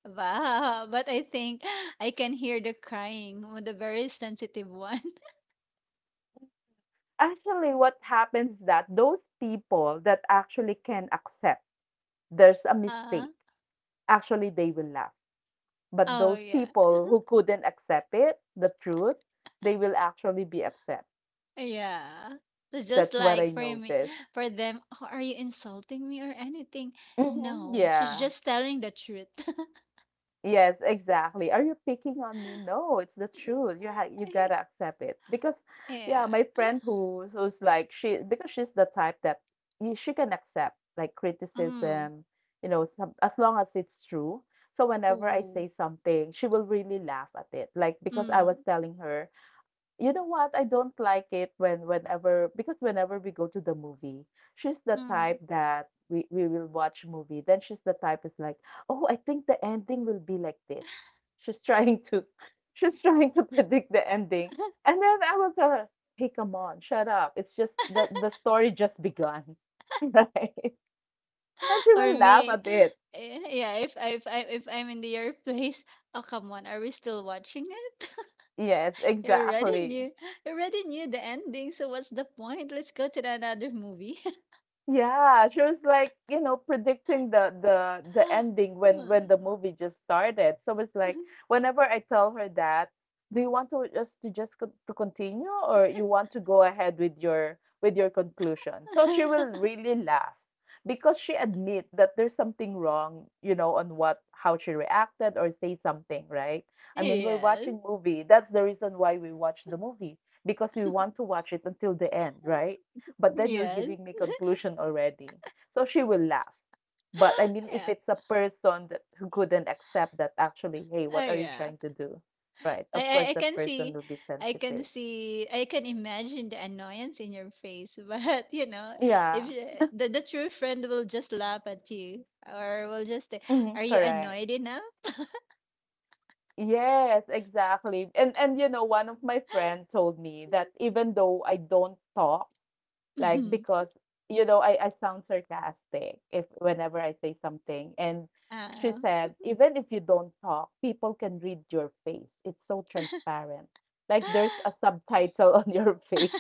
Speaker 2: Wow, but I think I can hear the crying with the very sensitive one. [laughs]
Speaker 1: Actually, what happens is that those people that actually can accept there's a
Speaker 2: Uh,
Speaker 1: mistake, actually they will laugh. But
Speaker 2: oh
Speaker 1: those
Speaker 2: yeah.
Speaker 1: people who couldn't accept it, the truth, they will actually be upset.
Speaker 2: Yeah. So
Speaker 1: That's
Speaker 2: just
Speaker 1: what I
Speaker 2: like for me,
Speaker 1: noticed.
Speaker 2: for them, "Oh, are you insulting me or anything?
Speaker 1: Mhm,
Speaker 2: No, she's
Speaker 1: yeah.
Speaker 2: just telling the truth." [laughs]
Speaker 1: Yes, exactly. Are you picking on me? No, it's the truth. You gotta accept it. Because yeah,
Speaker 2: Yeah.
Speaker 1: my friend who's like she, because she's the type that you, she can accept like
Speaker 2: Mm.
Speaker 1: criticism, you know, some, as long as it's true. So whenever I
Speaker 2: Ooh.
Speaker 1: say something, she will really laugh at it. Like because I was
Speaker 2: Mm.
Speaker 1: telling her, you know what? I don't like it when whenever, because whenever we go to the movie, she's the
Speaker 2: Mm.
Speaker 1: type that we will watch movie. Then she's the type is like, "Oh, I think the ending will be like this." She's trying to [laughs] she's trying to predict the ending. And then I will tell her, "Hey, come on, shut up. It's just the story just begun." [laughs] Right? And then she
Speaker 2: Or
Speaker 1: will laugh
Speaker 2: me.
Speaker 1: at
Speaker 2: [laughs]
Speaker 1: it.
Speaker 2: Yeah, if I'm in the your place, [laughs] oh come on, are we still watching it?
Speaker 1: Yes,
Speaker 2: [laughs] you already
Speaker 1: exactly.
Speaker 2: knew you already knew the ending, so what's the point? Let's go to the another movie. [laughs]
Speaker 1: Yeah, she was like, you know, predicting the ending when the
Speaker 2: Hmm.
Speaker 1: movie just started. So it's like
Speaker 2: [laughs]
Speaker 1: whenever I tell her that, do you want to just to just continue, or you want to go ahead with your conclusion? So she will really laugh because she admit that there's something wrong, you know, on what how she reacted or say something, right? I mean, we're
Speaker 2: Yes,
Speaker 1: watching movie. That's the reason why we watch the movie, because we want to watch it until the end, right? But then you're
Speaker 2: yes.
Speaker 1: giving me conclusion already. So she will laugh. But I mean,
Speaker 2: [gasps]
Speaker 1: if
Speaker 2: Yeah.
Speaker 1: it's a person that who couldn't accept that, actually, hey,
Speaker 2: Oh
Speaker 1: what are you
Speaker 2: yeah.
Speaker 1: trying to do? Right.
Speaker 2: I
Speaker 1: Of course,
Speaker 2: I
Speaker 1: that
Speaker 2: can
Speaker 1: person
Speaker 2: see,
Speaker 1: will be
Speaker 2: I can
Speaker 1: sensitive.
Speaker 2: see I can imagine the annoyance in your face, [laughs] but you know,
Speaker 1: Yeah.
Speaker 2: if you- the true friend will just laugh at you or will just say,
Speaker 1: Hmm,
Speaker 2: "Are you
Speaker 1: correct.
Speaker 2: annoyed enough?"
Speaker 1: Yes, exactly. And you know, one of my friend told me that even though I don't talk. Like,
Speaker 2: [laughs]
Speaker 1: because, you know, I sound sarcastic if whenever I say something. And she
Speaker 2: Ah.
Speaker 1: said, even if you don't talk, people can read your face. It's so transparent. Like there's a subtitle [laughs] on your face.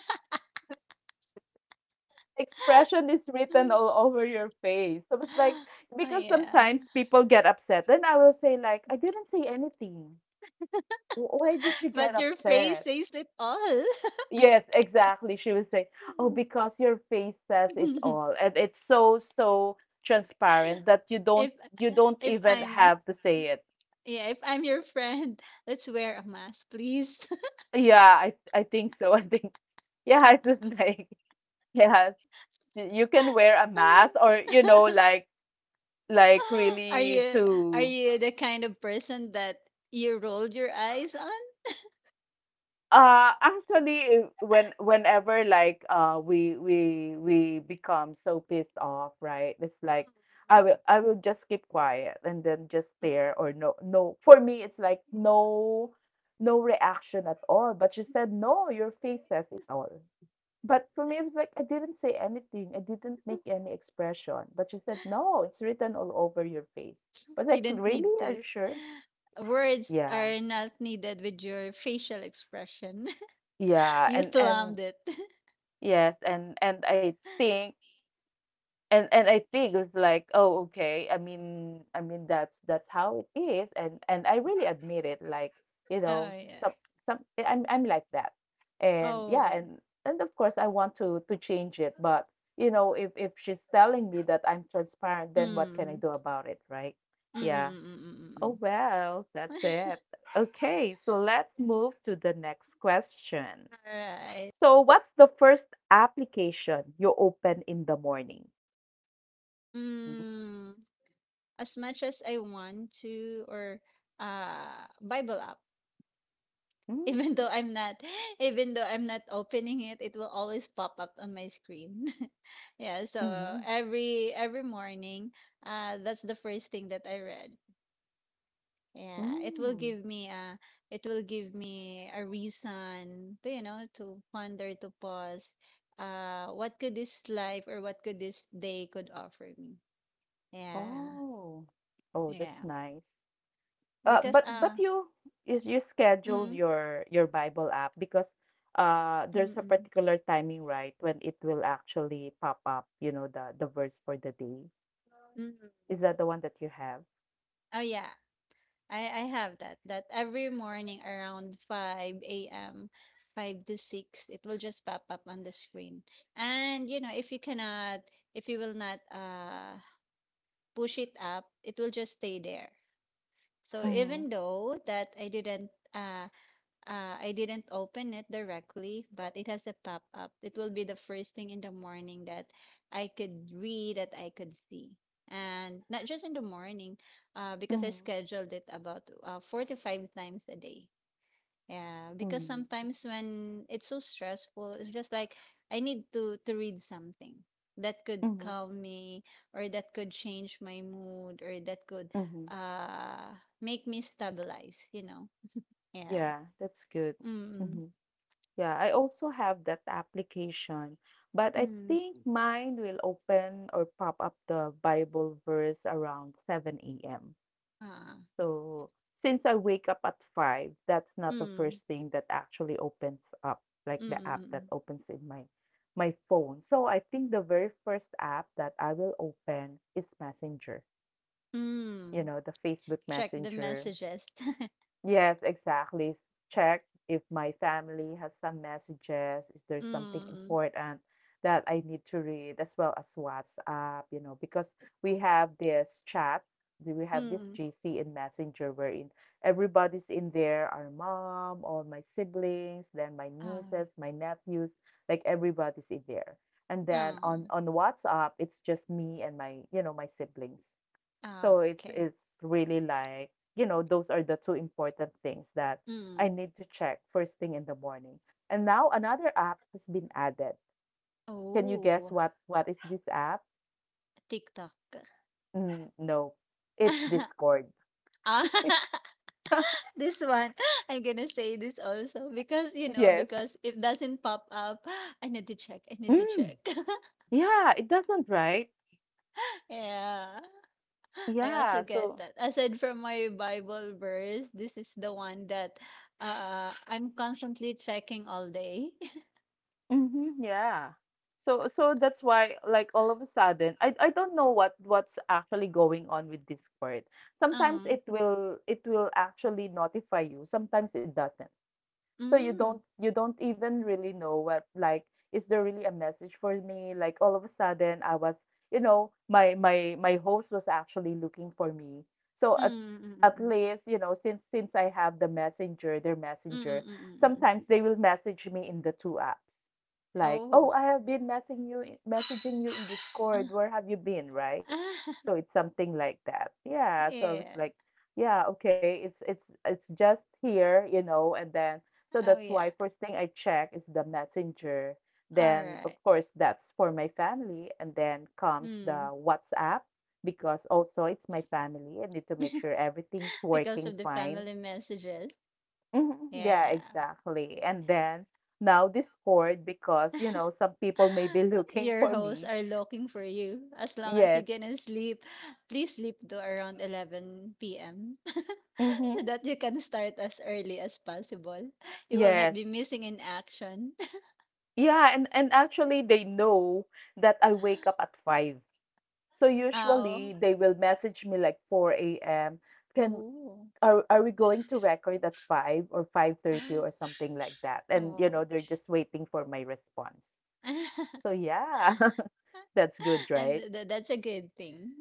Speaker 1: Expression is written all
Speaker 2: [gasps] [laughs]
Speaker 1: over your face. So it's like
Speaker 2: Oh
Speaker 1: because
Speaker 2: yeah,
Speaker 1: sometimes people get upset. Then I will say like, I didn't say anything. Why did you
Speaker 2: [laughs]
Speaker 1: get
Speaker 2: but your face
Speaker 1: upset?
Speaker 2: says it all.
Speaker 1: Yes, exactly. She would say, "Oh, because your face says it all."
Speaker 2: [laughs]
Speaker 1: And it's so so transparent that you don't,
Speaker 2: if
Speaker 1: you don't
Speaker 2: if
Speaker 1: even
Speaker 2: I'm
Speaker 1: have to say it.
Speaker 2: Yeah, if I'm your friend, let's wear a mask, please.
Speaker 1: Yeah, I think so. [laughs] I think yeah, it's just like yeah, you can wear a mask, or you know,
Speaker 2: [laughs] [laughs] [gasps]
Speaker 1: like
Speaker 2: [laughs] Are
Speaker 1: really
Speaker 2: you, are
Speaker 1: to
Speaker 2: you the kind of person that you rolled your eyes on?
Speaker 1: Actually, when whenever like we become so pissed off, right? It's like I will just keep quiet and then just stare. Or no, no. For me, it's like no no reaction at all. But she said no, your face says it all. But for me, it was like I didn't say anything. I didn't make any expression. But she said no, it's written all over your face. But
Speaker 2: You
Speaker 1: like
Speaker 2: didn't need
Speaker 1: really, are
Speaker 2: to.
Speaker 1: you sure?
Speaker 2: [gasps] Words
Speaker 1: Yeah.
Speaker 2: are not needed with your facial expression. [laughs]
Speaker 1: Yeah,
Speaker 2: You
Speaker 1: and
Speaker 2: slammed it. [laughs]
Speaker 1: yes, and I think and I think it was like, oh, okay. I mean that's how it is, and I really admit it. Like, you know,
Speaker 2: Oh yeah.
Speaker 1: some I'm like that, and yeah,
Speaker 2: Oh.
Speaker 1: and of course I want to change it, but you know, if she's telling me that I'm transparent, then what can I
Speaker 2: Mm.
Speaker 1: do about it, right?
Speaker 2: Mm. mm,
Speaker 1: Yeah.
Speaker 2: mm, mm,
Speaker 1: Oh
Speaker 2: mm,
Speaker 1: well,
Speaker 2: mm.
Speaker 1: that's
Speaker 2: [laughs]
Speaker 1: it. Okay, so let's move to the next question.
Speaker 2: Alright.
Speaker 1: So, what's the first application you open in the morning? Mhm.
Speaker 2: Mm. As much as I want to, or Bible app. [laughs] even
Speaker 1: Mm,
Speaker 2: though I'm not [laughs] even though I'm not opening it, it will always pop up on my screen. [laughs] Yeah, so
Speaker 1: mhm,
Speaker 2: every morning, that's the first thing that I read. Yeah,
Speaker 1: mm.
Speaker 2: it will give me a reason to, you know, to ponder, to pause, what could this life or what could this day could offer me. Yeah.
Speaker 1: Oh, oh, that's
Speaker 2: Yeah.
Speaker 1: nice.
Speaker 2: Because
Speaker 1: But you, you you scheduled
Speaker 2: mm,
Speaker 1: your Bible app because
Speaker 2: mm,
Speaker 1: there's a
Speaker 2: mm,
Speaker 1: particular timing, right, when it will actually pop up, you know, the verse for the day.
Speaker 2: mm.
Speaker 1: Is that the one that you have?
Speaker 2: Oh yeah, I have that, that every morning around 5 a.m., five to six, it will just pop up on the screen. And you know, if you will not push it up, it will just stay there. So
Speaker 1: Mm-hmm.
Speaker 2: even though that I didn't open it directly, but it has a pop up. It will be the first thing in the morning that I could read, that I could see. And not just in the morning, because I
Speaker 1: Mm-hmm.
Speaker 2: scheduled it about four to five times a day. Yeah, because sometimes when it's so stressful, it's just like I need to read something that could
Speaker 1: Mm-hmm.
Speaker 2: calm me, or that could change my mood, or that could
Speaker 1: Mm-hmm.
Speaker 2: uh make me stabilize, you know. Yeah.
Speaker 1: Yeah, that's good.
Speaker 2: Mm.
Speaker 1: Mm-hmm. Yeah, I also have that application, but I
Speaker 2: Mm,
Speaker 1: think mine will open or pop up the Bible verse around 7 a.m.
Speaker 2: ah.
Speaker 1: So since I wake up at 5, that's not the
Speaker 2: Mm,
Speaker 1: first thing that actually opens up, like
Speaker 2: mm,
Speaker 1: the
Speaker 2: mm,
Speaker 1: app that
Speaker 2: mm.
Speaker 1: opens in my phone. So I think the very first app that I will open is Messenger, you
Speaker 2: Mm.
Speaker 1: know, the Facebook
Speaker 2: Check the
Speaker 1: Messenger.
Speaker 2: messages. [laughs]
Speaker 1: Yes, exactly. Check if my family has some messages. Is there something
Speaker 2: Mm,
Speaker 1: important that I need to read, as well as WhatsApp, you know, because we have this chat, we have this
Speaker 2: mm.
Speaker 1: GC in Messenger wherein everybody's in there, our mom, all my siblings, then my
Speaker 2: Ah,
Speaker 1: nieces, my nephews, like everybody's in there. And then
Speaker 2: mm,
Speaker 1: on WhatsApp, it's just me and my, you know, my siblings.
Speaker 2: ah,
Speaker 1: So
Speaker 2: okay.
Speaker 1: it's really like, you know, those are the two important things that I
Speaker 2: Mm.
Speaker 1: need to check first thing in the morning. And now another app has been added. Can you guess
Speaker 2: Oh,
Speaker 1: what is this app?
Speaker 2: TikTok.
Speaker 1: Mm, no. It's
Speaker 2: [laughs]
Speaker 1: Discord.
Speaker 2: Ah,
Speaker 1: [laughs]
Speaker 2: [laughs] this one, [laughs] I'm gonna say this also because you know
Speaker 1: Yes.
Speaker 2: because it doesn't pop up. [gasps] I need to check. I need to
Speaker 1: Mm,
Speaker 2: check. [laughs]
Speaker 1: yeah, it doesn't, right?
Speaker 2: Yeah. I also
Speaker 1: Yeah,
Speaker 2: get
Speaker 1: so
Speaker 2: that. Aside from my Bible verse, this is the one that I'm constantly checking all day.
Speaker 1: mhm, yeah. So so that's why like all of a sudden I don't know what what's actually going on with Discord.
Speaker 2: [laughs]
Speaker 1: Sometimes
Speaker 2: Um,
Speaker 1: it will actually notify you, sometimes it doesn't. So you don't,
Speaker 2: mm,
Speaker 1: you don't even really know what, like is there really a message for me? Like all of a sudden I was, you know, my host was actually looking for me. So
Speaker 2: mm, mm,
Speaker 1: at
Speaker 2: mm,
Speaker 1: least you know, since I have the messenger, their
Speaker 2: mm, mm,
Speaker 1: messenger,
Speaker 2: mm, mm, mm, mm, mm.
Speaker 1: sometimes they will message me in the two apps, like
Speaker 2: Oh.
Speaker 1: oh I have been messaging you in discord, where have you been, right?
Speaker 2: Ah,
Speaker 1: So
Speaker 2: [laughs]
Speaker 1: it's something like that, yeah, so I was
Speaker 2: yeah.
Speaker 1: like yeah okay, it's just here, you know, and then so
Speaker 2: Oh
Speaker 1: that's
Speaker 2: yeah.
Speaker 1: why first thing I check is the messenger.
Speaker 2: All
Speaker 1: Then, of
Speaker 2: right.
Speaker 1: course, that's for my family. And then comes the
Speaker 2: Mm.
Speaker 1: WhatsApp, because also it's my family. I need to make
Speaker 2: [laughs]
Speaker 1: sure everything's
Speaker 2: Because
Speaker 1: working
Speaker 2: of the
Speaker 1: fine.
Speaker 2: family messages.
Speaker 1: Mhm, yeah,
Speaker 2: Yeah.
Speaker 1: exactly. And then now Discord because, you know, some people may be [laughs]
Speaker 2: [laughs]
Speaker 1: looking
Speaker 2: Your
Speaker 1: for
Speaker 2: hosts
Speaker 1: me.
Speaker 2: are looking for you. As long as you
Speaker 1: Yes.
Speaker 2: can sleep, please sleep to around 11 p.m., [laughs] so
Speaker 1: Hmm.
Speaker 2: that you can start as early as possible. You will not
Speaker 1: Yes.
Speaker 2: be missing in action. [laughs]
Speaker 1: Yeah, and actually they know that I wake up at 5. So
Speaker 2: Oh,
Speaker 1: usually they will message me like 4 a.m. Can,
Speaker 2: oh,
Speaker 1: are we going to record at 5 or 5:30 or something like that?
Speaker 2: oh,
Speaker 1: And you
Speaker 2: oh.
Speaker 1: know, they're just waiting for my response. So
Speaker 2: [laughs]
Speaker 1: yeah, [laughs] that's good, right?
Speaker 2: That's a good thing.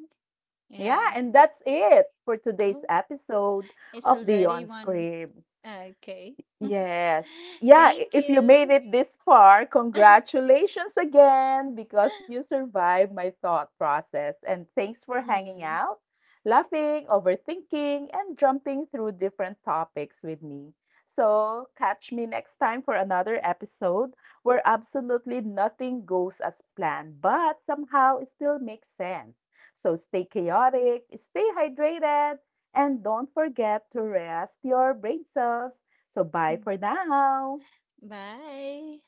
Speaker 1: Yeah,
Speaker 2: Yeah.
Speaker 1: and that's it for today's
Speaker 2: Oh,
Speaker 1: episode
Speaker 2: it's
Speaker 1: of the
Speaker 2: already
Speaker 1: On
Speaker 2: one.
Speaker 1: Screen.
Speaker 2: Okay.
Speaker 1: Yes.
Speaker 2: [laughs]
Speaker 1: Yeah,
Speaker 2: Thank
Speaker 1: if you made
Speaker 2: you.
Speaker 1: it this far,
Speaker 2: [laughs]
Speaker 1: congratulations again because you survived my thought process. And thanks for hanging
Speaker 2: Mm,
Speaker 1: out, laughing, overthinking, and jumping through different topics with me. So, catch me next time for another episode where absolutely nothing goes as planned, but somehow it still makes sense. So, stay chaotic, stay hydrated, and don't forget to rest your brain cells. So bye
Speaker 2: mm.
Speaker 1: for now.
Speaker 2: Bye.